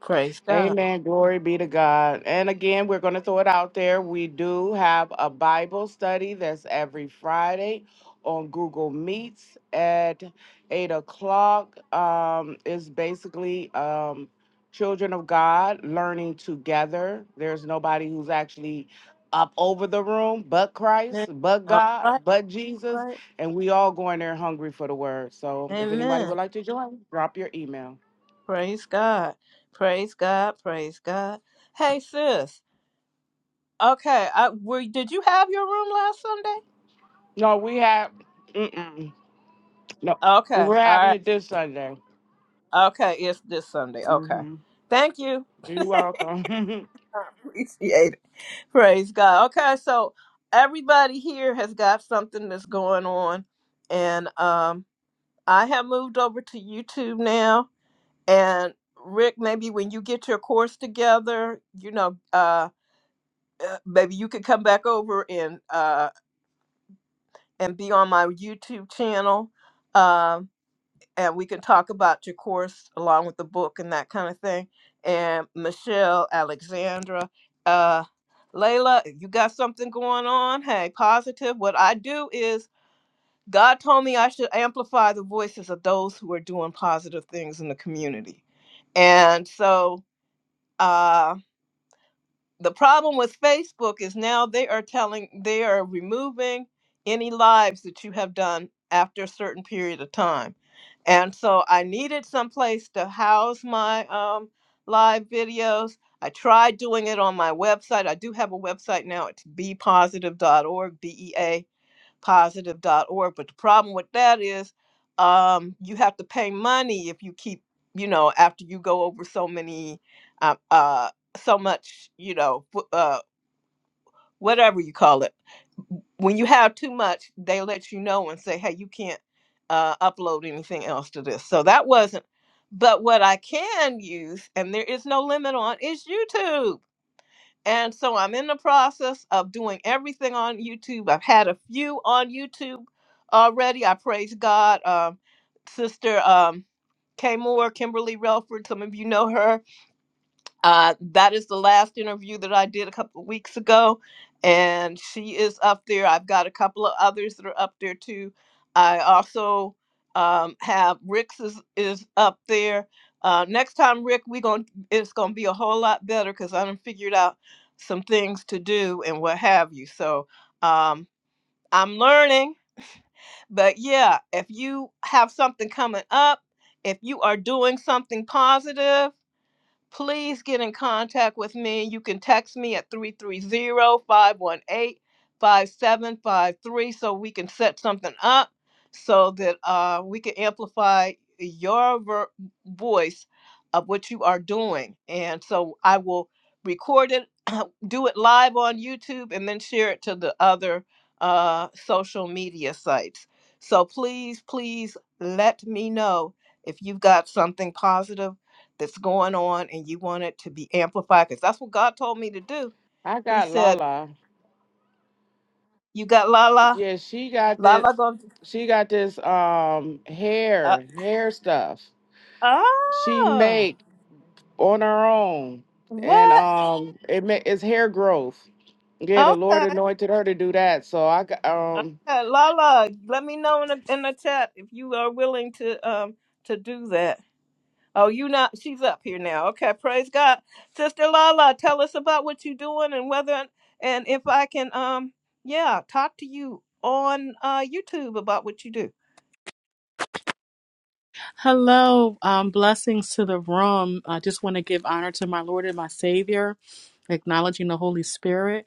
Speaker 1: Praise God.
Speaker 7: Amen. Glory be to God. And again, we're going to throw it out there. We do have a Bible study that's every Friday on Google Meets at eight o'clock. Um, it's basically um, children of God learning together. There's nobody who's actually up over the room but
Speaker 1: Amen.
Speaker 7: Christ, but
Speaker 1: All
Speaker 7: God,
Speaker 1: right,
Speaker 7: but Jesus.
Speaker 1: right.
Speaker 7: And we all going there hungry for the word. So if anybody
Speaker 1: Amen.
Speaker 7: would like to join, drop your email.
Speaker 1: Praise God. Praise God. Praise God. Hey, sis. Okay. I were did you have your room last Sunday?
Speaker 7: No, we have. Mm-mm. No,
Speaker 1: Okay.
Speaker 7: we're
Speaker 1: All right.
Speaker 7: having it this Sunday.
Speaker 1: Okay, it's this Sunday. Okay.
Speaker 7: hmm
Speaker 1: Thank you.
Speaker 7: You're welcome.
Speaker 1: Appreciate it. Praise God. Okay, so everybody here has got something that's going on. And um I have moved over to YouTube now. And Rick, maybe when you get your course together, you know, uh uh, maybe you could come back over and uh and be on my YouTube channel. Um and we can talk about your course along with the book and that kind of thing. And Michelle, Alexandra, uh, Layla, if you got something going on, hey, positive. What I do is God told me I should amplify the voices of those who are doing positive things in the community. And so uh, the problem with Facebook is now they are telling they are removing any lives that you have done after a certain period of time. And so I needed some place to house my um, live videos. I tried doing it on my website. I do have a website now. It's be positive dot org B E A positive.org. But the problem with that is um, you have to pay money if you keep, you know, after you go over so many, uh, uh, so much, you know, wh- uh, whatever you call it. When you have too much, they let you know and say, hey, you can't uh, upload anything else to this. So that wasn't. But what I can use, and there is no limit on, is YouTube. And so I'm in the process of doing everything on YouTube. I've had a few on YouTube already. I praise God. Um, Sister um, Kay Moore, Kimberly Relford, some of you know her. Uh, that is the last interview that I did a couple of weeks ago, and she is up there. I've got a couple of others that are up there too. I also um, have Rick's is, is up there. Uh, next time, Rick, we going it's gonna be a whole lot better because I done figured out some things to do and what have you. So um, I'm learning, but yeah, if you have something coming up, if you are doing something positive please get in contact with me. You can text me at three three zero five one eight five seven five three so we can set something up so that uh, we can amplify your ver- voice of what you are doing. And so I will record it, do it live on YouTube, and then share it to the other uh, social media sites. So please, please let me know if you've got something positive that's going on and you want it to be amplified because that's what God told me to do.
Speaker 7: I
Speaker 1: He
Speaker 7: got
Speaker 1: said,
Speaker 7: Lala.
Speaker 1: You got Lala.
Speaker 7: Yeah, she got this.
Speaker 1: Lala going to.
Speaker 7: She got this um
Speaker 1: Uh,
Speaker 7: hair hair stuff she
Speaker 1: oh,
Speaker 7: make on her own, and
Speaker 1: what?
Speaker 7: um it ma- it's hair growth. Yeah, the Lord
Speaker 1: Okay.
Speaker 7: anointed her to do that. So I got um
Speaker 1: Okay. Lala, let me know in the, in the chat if you are willing to um to do that. Oh, you not? She's up here now. Okay, praise God, Sister Lala. Tell us about what you're doing and whether and if I can um yeah talk to you on uh YouTube about what you do.
Speaker 8: Hello, um, blessings to the room. I just want to give honor to my Lord and my Savior, acknowledging the Holy Spirit.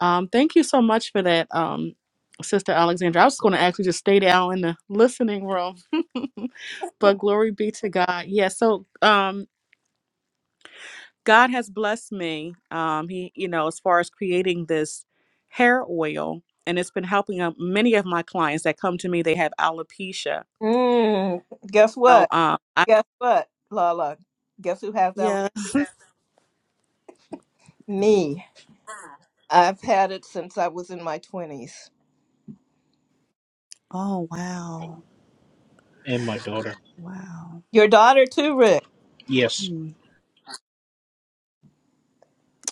Speaker 8: Um, thank you so much for that, um, Sister Alexandra. I was going to actually just stay down in the listening room, but glory be to God. Yeah, so um, God has blessed me. Um, he, you know, as far as creating this hair oil, and it's been helping uh, many of my clients that come to me. They have alopecia.
Speaker 1: Mm, guess
Speaker 8: So,
Speaker 1: what?
Speaker 8: um, I
Speaker 1: Guess what, Lala? Guess who has that?
Speaker 8: yeah.
Speaker 1: Me. I've had it since I was in my 20s.
Speaker 8: Oh wow,
Speaker 2: and my daughter.
Speaker 8: wow.
Speaker 1: Your daughter, too, Rick.
Speaker 2: Yes.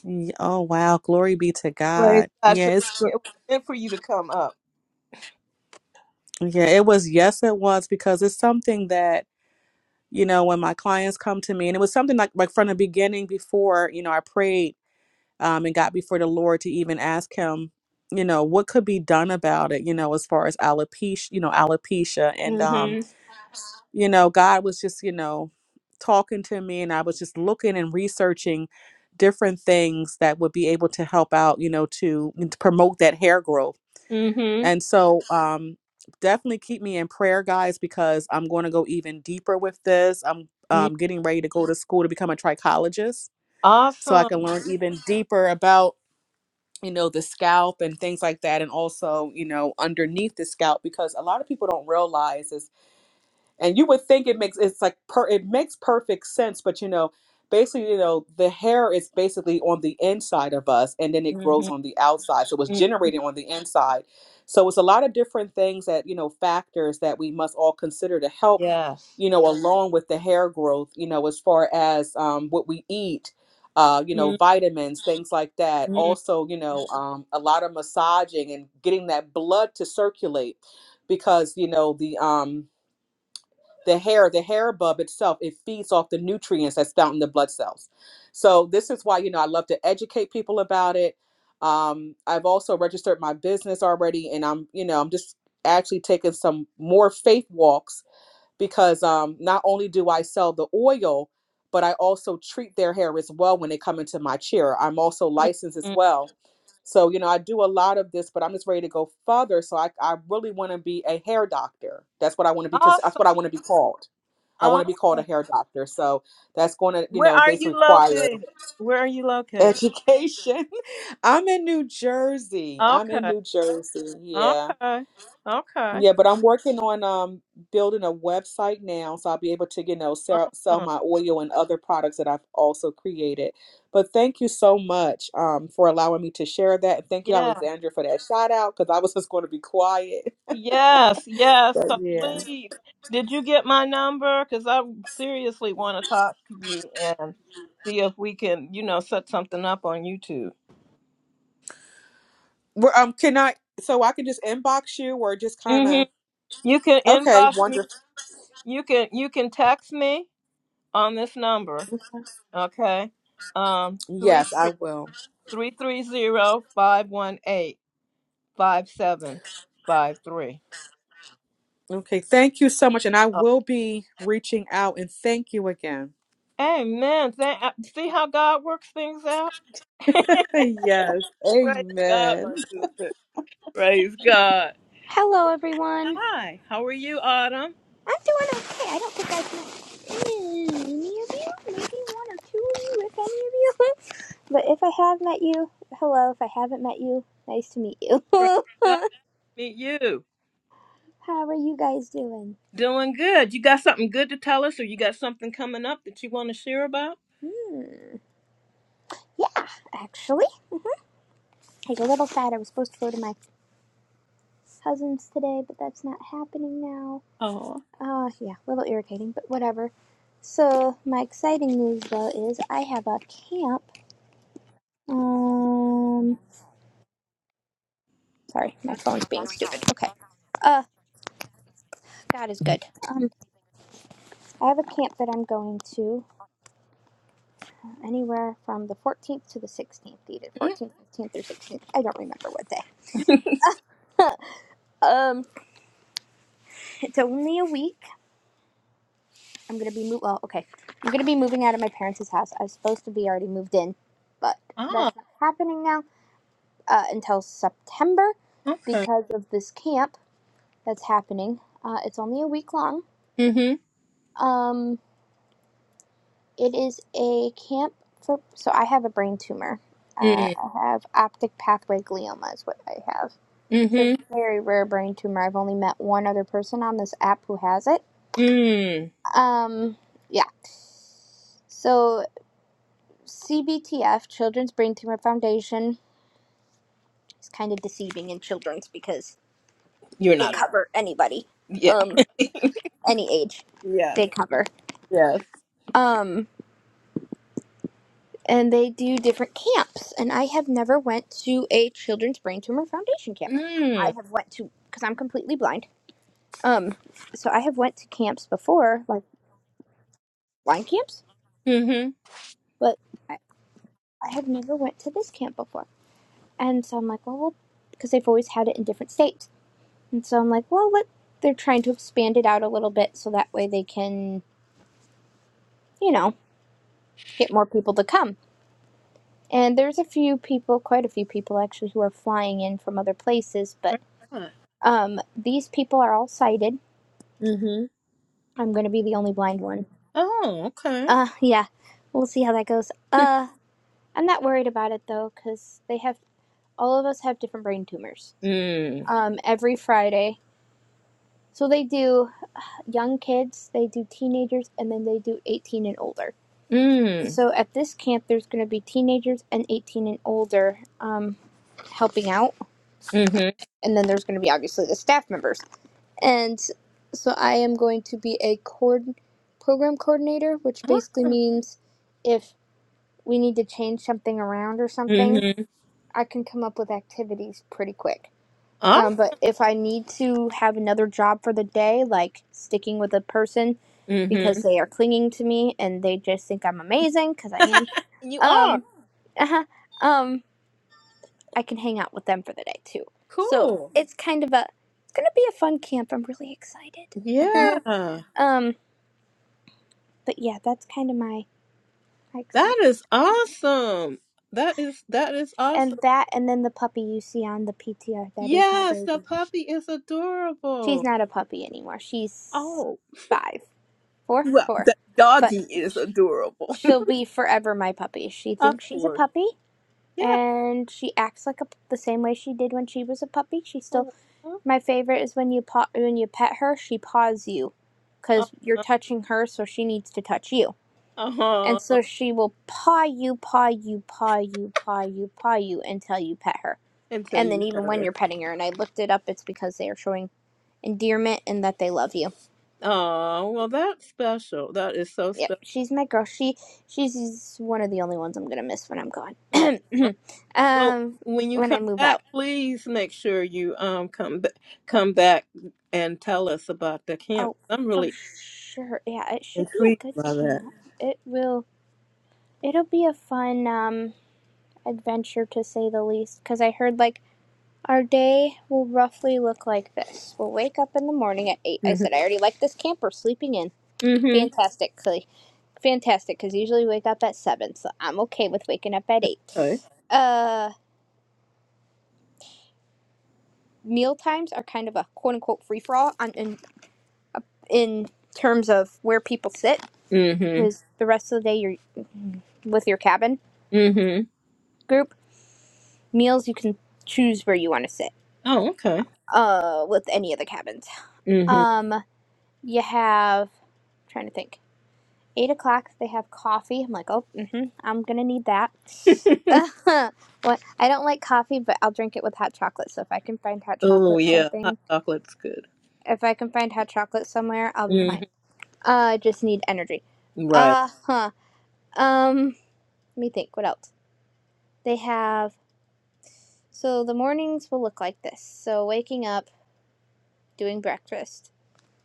Speaker 8: Ye- Oh wow, glory be to
Speaker 1: Praise
Speaker 8: God.
Speaker 1: God. So
Speaker 8: Yeah, it's
Speaker 1: yeah, it was meant for you to come up.
Speaker 8: yeah, it was yes it was because it's something that, you know, when my clients come to me and it was something like like from the beginning before, you know, I prayed um and got before the Lord to even ask him, you know, what could be done about it, you know, as far as alopecia, you know, alopecia and um,
Speaker 1: Mm-hmm.
Speaker 8: you know, God was just, you know, talking to me and I was just looking and researching different things that would be able to help out, you know, to, to promote that hair growth
Speaker 1: Mm-hmm.
Speaker 8: And so um definitely keep me in prayer, guys, because I'm going to go even deeper with this. I'm
Speaker 1: mm
Speaker 8: um, getting ready to go to school to become a trichologist so I
Speaker 1: Awesome.
Speaker 8: can learn even deeper about you know the scalp and things like that and also you know underneath the scalp because a lot of people don't realize is and you would think it makes it's like per it makes perfect sense but you know basically you know the hair is basically on the inside of us and then it
Speaker 1: Mm-hmm.
Speaker 8: grows on the outside so it's
Speaker 1: mm
Speaker 8: generated on the inside so it's a lot of different things that you know factors that we must all consider to help
Speaker 1: Yes.
Speaker 8: you know along with the hair growth you know as far as um, what we eat uh, you know vitamins things like that
Speaker 1: Mm-hmm.
Speaker 8: also you know um, a lot of massaging and getting that blood to circulate because you know the um, the hair the hair bulb itself it feeds off the nutrients that's down in the blood cells so this is why you know i love to educate people about it um, i've also registered my business already and i'm you know i'm just actually taking some more faith walks because um, not only do i sell the oil but i also treat their hair as well when they come into my chair i'm also licensed as
Speaker 1: mm
Speaker 8: well so you know i do a lot of this but i'm just ready to go further so i, I really want to be a hair doctor that's what i want to be because that's
Speaker 1: Awesome.
Speaker 8: what i want to be called I want to be called
Speaker 1: Awesome.
Speaker 8: a hair doctor. So that's going to, you
Speaker 1: Where
Speaker 8: know,
Speaker 1: are
Speaker 8: basically
Speaker 1: you
Speaker 8: require
Speaker 1: located? Where are you located?
Speaker 8: education. I'm in New Jersey. I'm in
Speaker 1: Okay.
Speaker 8: New Jersey. Yeah.
Speaker 1: Okay. Okay.
Speaker 8: Yeah, but I'm working on um building a website now, so I'll be able to, you know, sell, sell
Speaker 1: Awesome.
Speaker 8: my oil and other products that I've also created. But thank you so much um for allowing me to share that, and thank you,
Speaker 1: Yeah.
Speaker 8: Alexandra, for that shout out because I was just going to be quiet.
Speaker 1: Yes. Yes.
Speaker 8: But
Speaker 1: So
Speaker 8: yeah,
Speaker 1: please, did you get my number? Because I seriously want to talk to you and see if we can, you know, set something up on YouTube.
Speaker 8: Well, um, can I? So I can just inbox you or just kind of
Speaker 1: You can
Speaker 8: okay,
Speaker 1: inbox me.
Speaker 8: wonderful.
Speaker 1: You can you can text me on this number. Okay. Um three
Speaker 8: Yes, I
Speaker 1: three
Speaker 8: will.
Speaker 1: three three zero five one eight five seven five three.
Speaker 8: Okay, thank you so much. And I will be reaching out and thank you again.
Speaker 1: Amen. Thank, uh, see how God works things out?
Speaker 8: Yes,
Speaker 1: Praise God, my
Speaker 8: amen.
Speaker 1: sister. Praise God.
Speaker 9: Hello, everyone.
Speaker 1: Hi. How are you, Autumn?
Speaker 9: I'm doing okay. I don't think I've met any of you. Maybe one or two of you, if any of you. But if I have met you, hello. If I haven't met you, nice to meet you.
Speaker 1: Praise God. Meet you.
Speaker 9: How are you guys doing?
Speaker 1: Doing good. You got something good to tell us or you got something coming up that you want to share about?
Speaker 9: Hmm. Yeah, actually, I was a little sad. I was supposed to go to my cousin's today, but that's not happening now.
Speaker 1: Oh.
Speaker 9: Uh, yeah, a little irritating, but whatever. So, my exciting news though is I have a camp. Um, Sorry, my phone's being stupid. Okay. Uh, God is good. Um, I have a camp that I'm going to anywhere from the 14th to the 16th, either 14th, 15th, or 16th. I don't remember what day. Um, it's only a week. I'm gonna be move. Well, okay. I'm gonna be moving out of my parents' house. I was supposed to be already moved in, but
Speaker 1: Ah.
Speaker 9: that's not happening now uh, until September
Speaker 1: okay.
Speaker 9: because of this camp that's happening. Uh, it's only a week long.
Speaker 1: Mm-hmm.
Speaker 9: Um, It is a camp for. So I have a brain tumor. Uh,
Speaker 1: Mm.
Speaker 9: I have optic pathway glioma, is what I have. It's a
Speaker 1: Mm-hmm.
Speaker 9: very rare brain tumor. I've only met one other person on this app who has it.
Speaker 1: Mm.
Speaker 9: Um, yeah. So CBTF, Children's Brain Tumor Foundation, is kind of deceiving in children's because
Speaker 1: You're
Speaker 9: they
Speaker 1: not.
Speaker 9: Yeah. cover anybody,
Speaker 1: Yeah.
Speaker 9: um, any age,
Speaker 1: Yes.
Speaker 9: they cover.
Speaker 1: Yes.
Speaker 9: Um, and they do different camps and i have never went to a children's brain tumor foundation camp i
Speaker 1: Mm.
Speaker 9: have went to because i'm completely blind um so i have went to camps before like blind camps
Speaker 1: Mm-hmm.
Speaker 9: but i, I have never went to this camp before and so i'm like well well because they've always had it in different states and so i'm like well let they're trying to expand it out a little bit so that way they can you know get more people to come and there's a few people quite a few people actually who are flying in from other places but
Speaker 1: Why not?
Speaker 9: Um, these people are all sighted.
Speaker 1: Mm-hmm.
Speaker 9: I'm going to be the only blind one.
Speaker 1: Oh, okay.
Speaker 9: Uh, yeah, we'll see how that goes. Uh, I'm not worried about it though, because they have all of us have different brain tumors.
Speaker 1: Mm.
Speaker 9: Um, every Friday, so they do young kids, they do teenagers, and then they do 18 and older.
Speaker 1: Mm.
Speaker 9: So at this camp, there's going to be teenagers and 18 and older um, helping out,
Speaker 1: Mm-hmm.
Speaker 9: and then there's going to be obviously the staff members. and so I am going to be a cord program coordinator, which basically
Speaker 1: Awesome.
Speaker 9: means if we need to change something around or something,
Speaker 1: Mm-hmm.
Speaker 9: I can come up with activities pretty quick.
Speaker 1: Awesome.
Speaker 9: Um, but if I need to have another job for the day, like sticking with a person
Speaker 1: Mm-hmm.
Speaker 9: because they are clinging to me and they just think I'm amazing because I am,
Speaker 1: You are.
Speaker 9: um, uh um, I can hang out with them for the day too. So
Speaker 1: Cool.
Speaker 9: it's kind of a, it's gonna be a fun camp. I'm really excited.
Speaker 1: Yeah.
Speaker 9: Um, but yeah, that's kind of my, my
Speaker 1: That
Speaker 9: excitement.
Speaker 1: is awesome. That is that is
Speaker 9: And
Speaker 1: awesome.
Speaker 9: that, and then the puppy you see on the PTR, that is my
Speaker 1: Yes, the
Speaker 9: baby.
Speaker 1: puppy is
Speaker 9: She's
Speaker 1: adorable.
Speaker 9: not a puppy anymore. She's
Speaker 1: Oh.
Speaker 9: five, four,
Speaker 1: Well,
Speaker 9: four.
Speaker 1: the
Speaker 9: But
Speaker 1: doggy is adorable.
Speaker 9: she'll be forever my puppy. She
Speaker 1: Of
Speaker 9: thinks she's a
Speaker 1: course.
Speaker 9: puppy,
Speaker 1: Yeah.
Speaker 9: and she acts like a, p- the same way she did when she was a puppy. She
Speaker 1: Aw,
Speaker 9: still, my favorite is when you paw, when you pet her, she paws you,
Speaker 1: aw,
Speaker 9: cause you're touching her, so she needs to touch you And
Speaker 1: aw,
Speaker 9: so she will paw you, paw you, paw you, paw you, paw you until you pet her.
Speaker 1: Until
Speaker 9: And then
Speaker 1: you had
Speaker 9: even when
Speaker 1: her.
Speaker 9: you're petting her, and I looked it up, it's because they are showing endearment and that they love you.
Speaker 1: Oh, well, that's special. That is so
Speaker 9: Yep,
Speaker 1: special.
Speaker 9: she's my girl. She she's one of the only ones I'm gonna miss when I'm gone.
Speaker 1: Aw. Well,
Speaker 9: um,
Speaker 1: when you
Speaker 9: when
Speaker 1: come
Speaker 9: I move
Speaker 1: back,
Speaker 9: out.
Speaker 1: please make sure you um come b- come back and tell us about the camp.
Speaker 9: Oh,
Speaker 1: I'm
Speaker 9: for
Speaker 1: really
Speaker 9: sure. Yeah, it should be
Speaker 1: intrigued
Speaker 9: a good
Speaker 1: by that.
Speaker 9: camp. It will. It'll be a fun um adventure to say the least. Cause I heard like Our day will roughly look like this. We'll wake up in the morning at 8. I
Speaker 1: Mm-hmm.
Speaker 9: said, I already like this camper sleeping in.
Speaker 1: hmm
Speaker 9: Fantastic. Clee. Fantastic, because usually wake up at 7, so I'm okay with waking up at 8.
Speaker 1: Okay.
Speaker 9: Uh, meal times are kind of a quote unquote free for all on, in, in terms of where people sit,
Speaker 1: Mm-hmm.
Speaker 9: because the rest of the day you're with your cabin
Speaker 1: Mm-hmm.
Speaker 9: group. Meals, you can choose where you want to sit
Speaker 1: Oh, okay.
Speaker 9: uh, with any of the cabins.
Speaker 1: Mm-hmm.
Speaker 9: Um, you have, trying to think. Eight o'clock, they have coffee. I'm like, oh, hmm I'm gonna need that. what? I don't like coffee, but I'll drink it with hot chocolate. So if I can find hot
Speaker 1: oh,
Speaker 9: chocolate
Speaker 1: yeah. Hot
Speaker 9: something,
Speaker 1: chocolate's good.
Speaker 9: if I can find hot chocolate somewhere, I'll be fine.
Speaker 1: Mm-hmm.
Speaker 9: Uh, I just need energy.
Speaker 1: Right.
Speaker 9: Uh huh. Um, let me think. What else? They have. So the mornings will look like this. So waking up, doing breakfast.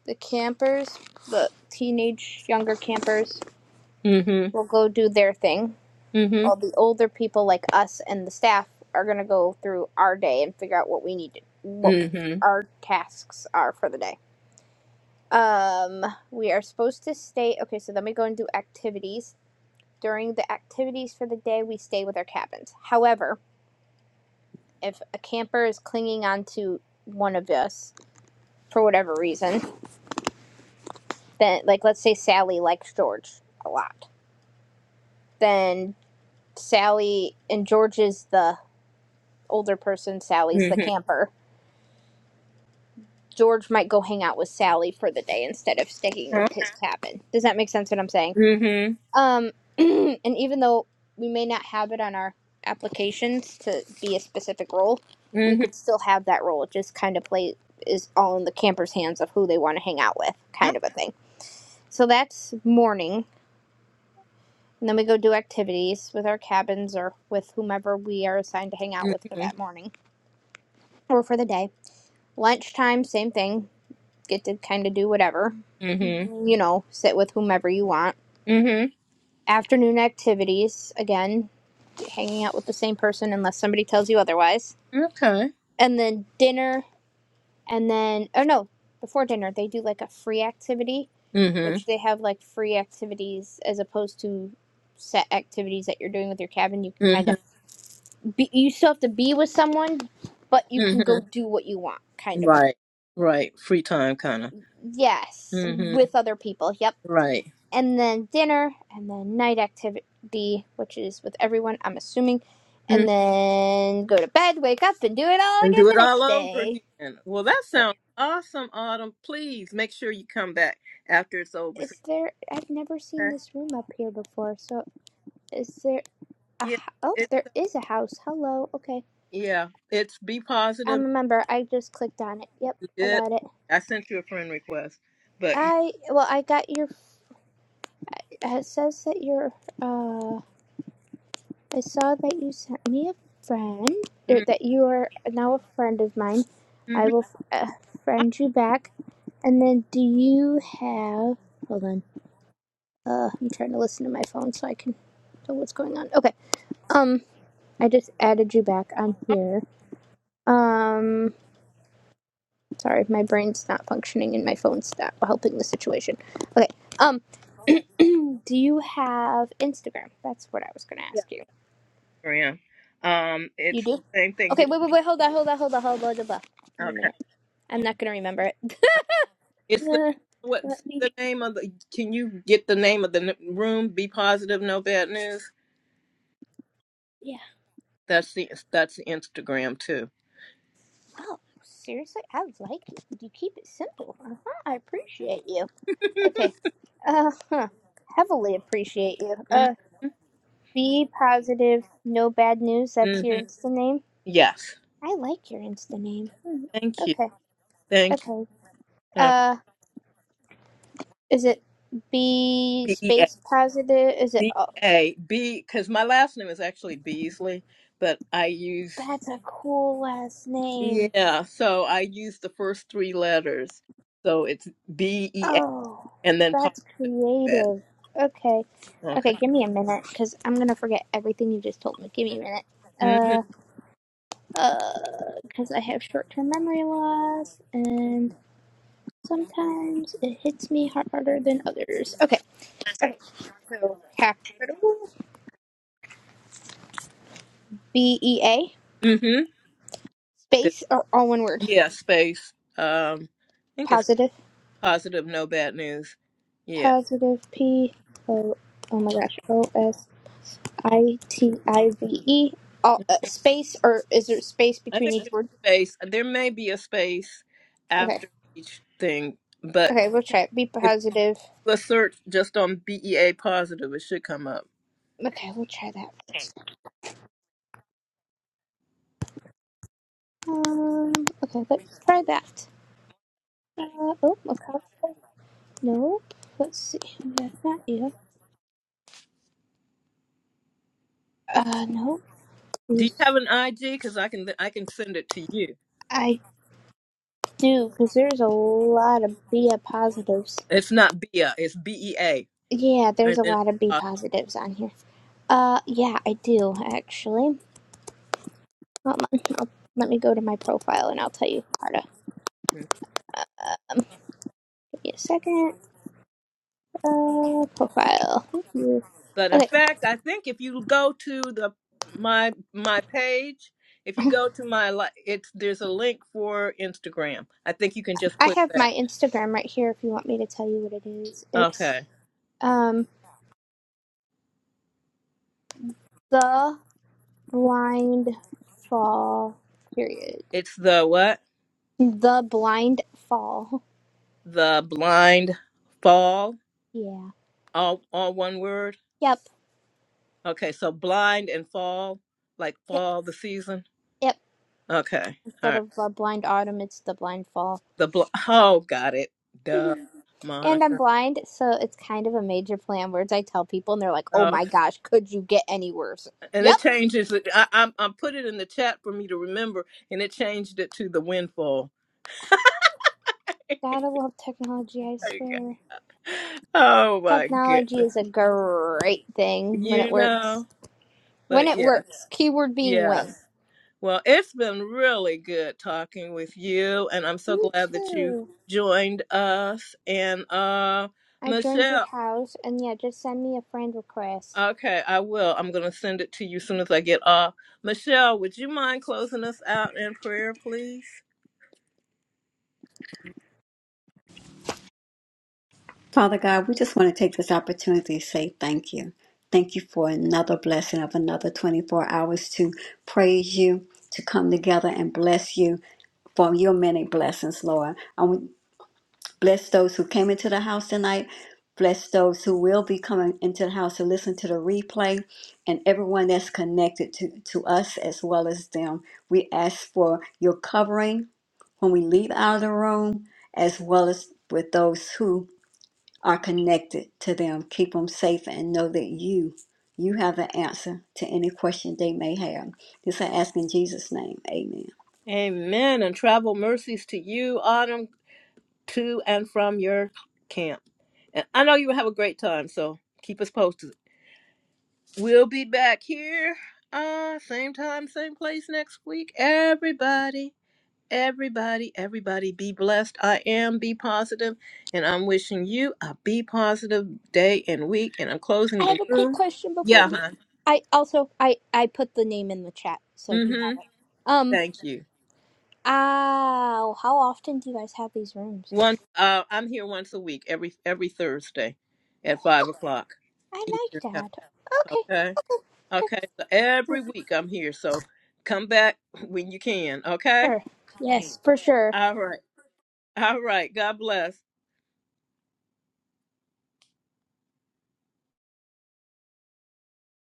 Speaker 9: The campers, the teenage younger campers,
Speaker 1: Mm-hmm.
Speaker 9: will go do their thing
Speaker 1: Mm-hmm.
Speaker 9: Well, the older people like us and the staff are going to go through our day and figure out what we need to, what
Speaker 1: Mm-hmm.
Speaker 9: our tasks are for the day. Um, we are supposed to stay. Okay, so then we go and do activities. During the activities for the day, we stay with our cabins. However, if a camper is clinging onto one of us for whatever reason, then like let's say Sally likes George a lot, then Sally and George is the older person, Sally's the
Speaker 1: Mm-hmm.
Speaker 9: camper George might go hang out with Sally for the day instead of sticking
Speaker 1: Huh?
Speaker 9: with his cabin. Does that make sense what I'm saying?
Speaker 1: Mm-hmm.
Speaker 9: Um, and even though we may not have it on our applications to be a specific role,
Speaker 1: Mm-hmm.
Speaker 9: we could still have that role. It just kind of play is all in the camper's hands of who they want to hang out with, kind of a thing. So that's morning. And then we go do activities with our cabins or with whomever we are assigned to hang out with for
Speaker 1: Mm-hmm.
Speaker 9: that morning or for the day. Lunchtime, same thing. Get to kind of do whatever
Speaker 1: Mm-hmm.
Speaker 9: you know, sit with whomever you want.
Speaker 1: Mm-hmm.
Speaker 9: Afternoon activities, again, hanging out with the same person unless somebody tells you otherwise.
Speaker 1: Okay.
Speaker 9: And then dinner, and then, oh no, before dinner, they do like a free activity,
Speaker 1: Mm-hmm.
Speaker 9: which they have like free activities as opposed to set activities that you're doing with your cabin. You can
Speaker 1: Mm-hmm.
Speaker 9: kind of, be, you still have to be with someone, but you can
Speaker 1: Mm-hmm.
Speaker 9: go do what you want, kind of. A,
Speaker 1: Right. Right. Free time kind of.
Speaker 9: yes,
Speaker 1: Mm-hmm.
Speaker 9: with other people. Yep
Speaker 1: Right.
Speaker 9: and then dinner, and then night activity, which is with everyone, I'm assuming, and
Speaker 1: Mhm.
Speaker 9: then go to bed, wake up, and do it all
Speaker 1: And do
Speaker 9: again
Speaker 1: it
Speaker 9: the
Speaker 1: all
Speaker 9: next
Speaker 1: over
Speaker 9: day.
Speaker 1: again. Well, that
Speaker 9: Yep.
Speaker 1: sounds awesome, Autumn. Please make sure you come back after it's over. so-
Speaker 9: Is there? I've never seen
Speaker 1: Okay.
Speaker 9: this room up here before. So is there a?
Speaker 1: Yeah.
Speaker 9: Oh,
Speaker 1: It,
Speaker 9: there is a house. Hello. Okay.
Speaker 1: yeah. It's be positive.
Speaker 9: I'm a member. I just clicked on it. Yep.
Speaker 1: be
Speaker 9: I
Speaker 1: Good.
Speaker 9: got it.
Speaker 1: I sent you a friend request, but
Speaker 9: I well, I got your. It says that your. uh, I saw that you sent me a friend, or that you are now a friend of mine. I
Speaker 1: mm-hmm.
Speaker 9: will uh, friend you back. And then, do you have? Hold on. Uh, I'm trying to listen to my phone so I can know what's going on. Okay. Um, I just added you back on here. Um, sorry, my brain's not functioning and my phone's not helping the situation. Okay. Um, do you have Instagram? That's what I was gonna
Speaker 1: yeah,
Speaker 9: ask you.
Speaker 1: I am. Um,
Speaker 9: You
Speaker 1: it's
Speaker 9: do?
Speaker 1: the same
Speaker 9: Okay. Wait,
Speaker 1: thing.
Speaker 9: wait, wait. Hold on, hold on, hold on, hold on. Hold on. Give me a minute. I'm not gonna remember it.
Speaker 1: It's the
Speaker 9: Uh,
Speaker 1: what's
Speaker 9: Let me.
Speaker 1: the name of the? Can you get the name of the n- room? Be positive, no bad news.
Speaker 9: Yeah.
Speaker 1: That's the that's the Instagram too.
Speaker 9: Oh, seriously, I like it. You keep it simple. Uh huh. I appreciate you. Okay. Uh huh. Heavily appreciate you.
Speaker 1: hmm
Speaker 9: Uh, be positive. No bad news. That's your Insta name.
Speaker 1: Yes.
Speaker 9: I like your Insta name.
Speaker 1: Thank you.
Speaker 9: Okay.
Speaker 1: Thank you.
Speaker 9: Okay.
Speaker 1: Uh,
Speaker 9: Uh, is it B
Speaker 1: B E A
Speaker 9: space positive? Is it?
Speaker 1: B
Speaker 9: Oh,
Speaker 1: A B because my last name is actually Beasley, but I use
Speaker 9: that's a cool last name.
Speaker 1: yeah. So I use the first three letters. So it's B E A
Speaker 9: Oh,
Speaker 1: and then positive
Speaker 9: that's
Speaker 1: No bad.
Speaker 9: creative. Okay.
Speaker 1: Okay.
Speaker 9: Okay, give me a minute because I'm going to forget everything you just told me. Give me a minute. Uh,
Speaker 1: Mm-hmm.
Speaker 9: uh, because I have short term memory loss and sometimes it hits me har- harder than others. Okay. Okay. So, capital B E A
Speaker 1: Mm-hmm.
Speaker 9: space or all one word?
Speaker 1: Yeah. Space. Um. I think it's.
Speaker 9: Positive.
Speaker 1: Positive, no bad news. Yeah.
Speaker 9: Positive P O. Oh my gosh. O S I T I V E. All, uh, space or is there space
Speaker 1: I
Speaker 9: between
Speaker 1: think
Speaker 9: each
Speaker 1: there's
Speaker 9: word?
Speaker 1: a space. There may be a space
Speaker 9: Okay.
Speaker 1: after each thing, but
Speaker 9: Okay, we'll try it. Be
Speaker 1: if you
Speaker 9: positive.
Speaker 1: do a search just on BEA positive, it should come up.
Speaker 9: Okay, we'll try that. Um, okay, let's try that. Uh, oh, okay. Nope. Let's see. That's not you. Uh, nope.
Speaker 1: Do you
Speaker 9: Please.
Speaker 1: have an IG? Because I can I can send it to you.
Speaker 9: I do, because there's a lot of B positives.
Speaker 1: It's not BEA, it's BEA,
Speaker 9: Yeah, there's
Speaker 1: and
Speaker 9: a
Speaker 1: then it's
Speaker 9: lot of B positives on here. Uh, yeah, I do, actually. Hold on. I'll, let me go to my profile and I'll tell you, Carta.
Speaker 1: positive.
Speaker 9: Uh, give me a second. Uh, profile. Thank you.
Speaker 1: But in
Speaker 9: Okay.
Speaker 1: fact, I think if you go to the my my page, if you go to my li it's there's a link for Instagram. I think you can just
Speaker 9: I
Speaker 1: click
Speaker 9: have my
Speaker 1: that.
Speaker 9: Instagram right here if you want me to tell you what it is. It's
Speaker 1: Okay,
Speaker 9: um the blind fall period.
Speaker 1: it's the what?
Speaker 9: The blind fall.
Speaker 1: the blind fall
Speaker 9: Yeah.
Speaker 1: all all one word
Speaker 9: Yep.
Speaker 1: okay so blind and fall like
Speaker 9: Yep.
Speaker 1: fall the season
Speaker 9: Yep.
Speaker 1: okay all
Speaker 9: Instead
Speaker 1: right
Speaker 9: of the blind autumn, it's the blind fall.
Speaker 1: the bl- oh got it duh
Speaker 9: and I'm
Speaker 1: monica
Speaker 9: blind, so it's kind of a major play on words I tell people and they're like, Oh my
Speaker 1: okay
Speaker 9: gosh, could you get any worse?
Speaker 1: and
Speaker 9: Yep.
Speaker 1: it changes it i i'm i put it in the chat for me to remember and it changed it to the windfall
Speaker 9: Gotta love technology, I
Speaker 1: There you go.
Speaker 9: swear.
Speaker 1: oh my
Speaker 9: Technology
Speaker 1: goodness
Speaker 9: is a great thing when it
Speaker 1: you
Speaker 9: works.
Speaker 1: know
Speaker 9: When
Speaker 1: but
Speaker 9: it
Speaker 1: yeah
Speaker 9: works. Keyword being when.
Speaker 1: yes Well, it's been really good talking with you, and I'm so
Speaker 9: Me
Speaker 1: glad that you
Speaker 9: too.
Speaker 1: joined us. And uh,
Speaker 9: I joined your
Speaker 1: Michelle,
Speaker 9: house, and yeah, just send me a friend request.
Speaker 1: okay, I will. I'm going to send it to you as soon as I get off. Michelle, would you mind closing us out in prayer, please?
Speaker 6: Father God, we just want to take this opportunity to say thank you. Thank you for another blessing of another 24 hours to praise you, to come together and bless you for your many blessings, Lord. Bless those who came into the house tonight. Bless those who will be coming into the house to listen to the replay and everyone that's connected to, to us as well as them. We ask for your covering when we leave out of the room, as well as with those who are connected to them. Keep them safe and know that you, you have the answer to any question they may have. This I ask in Jesus' name. Amen.
Speaker 1: Amen. And travel mercies to you, Autumn, to and from your camp. And I know you will have a great time, so keep us posted. We'll be back here, uh, same time, same place next week, everybody. Everybody, everybody be blessed. I am Be Positive, and I'm wishing you a Be Positive day and week. And I'm closing
Speaker 9: I
Speaker 1: the
Speaker 9: have a quick
Speaker 1: room.
Speaker 9: question before
Speaker 1: Yeah,
Speaker 9: we.
Speaker 1: huh?
Speaker 9: I also I I put the name in the chat, so you have
Speaker 1: Mm-hmm.
Speaker 9: it. Um.
Speaker 1: Thank you.
Speaker 9: Oh, how often do you guys have these rooms?
Speaker 1: One, uh, I'm here once a week, every every Thursday, at five o'clock
Speaker 9: I like
Speaker 1: Eastern time.
Speaker 9: that. Okay.
Speaker 1: Okay,
Speaker 9: Okay. Okay.
Speaker 1: okay. So
Speaker 9: cool.
Speaker 1: every week I'm here. So come back when you can. Okay.
Speaker 9: Sure. Yes, for sure.
Speaker 1: All right. All right. God bless.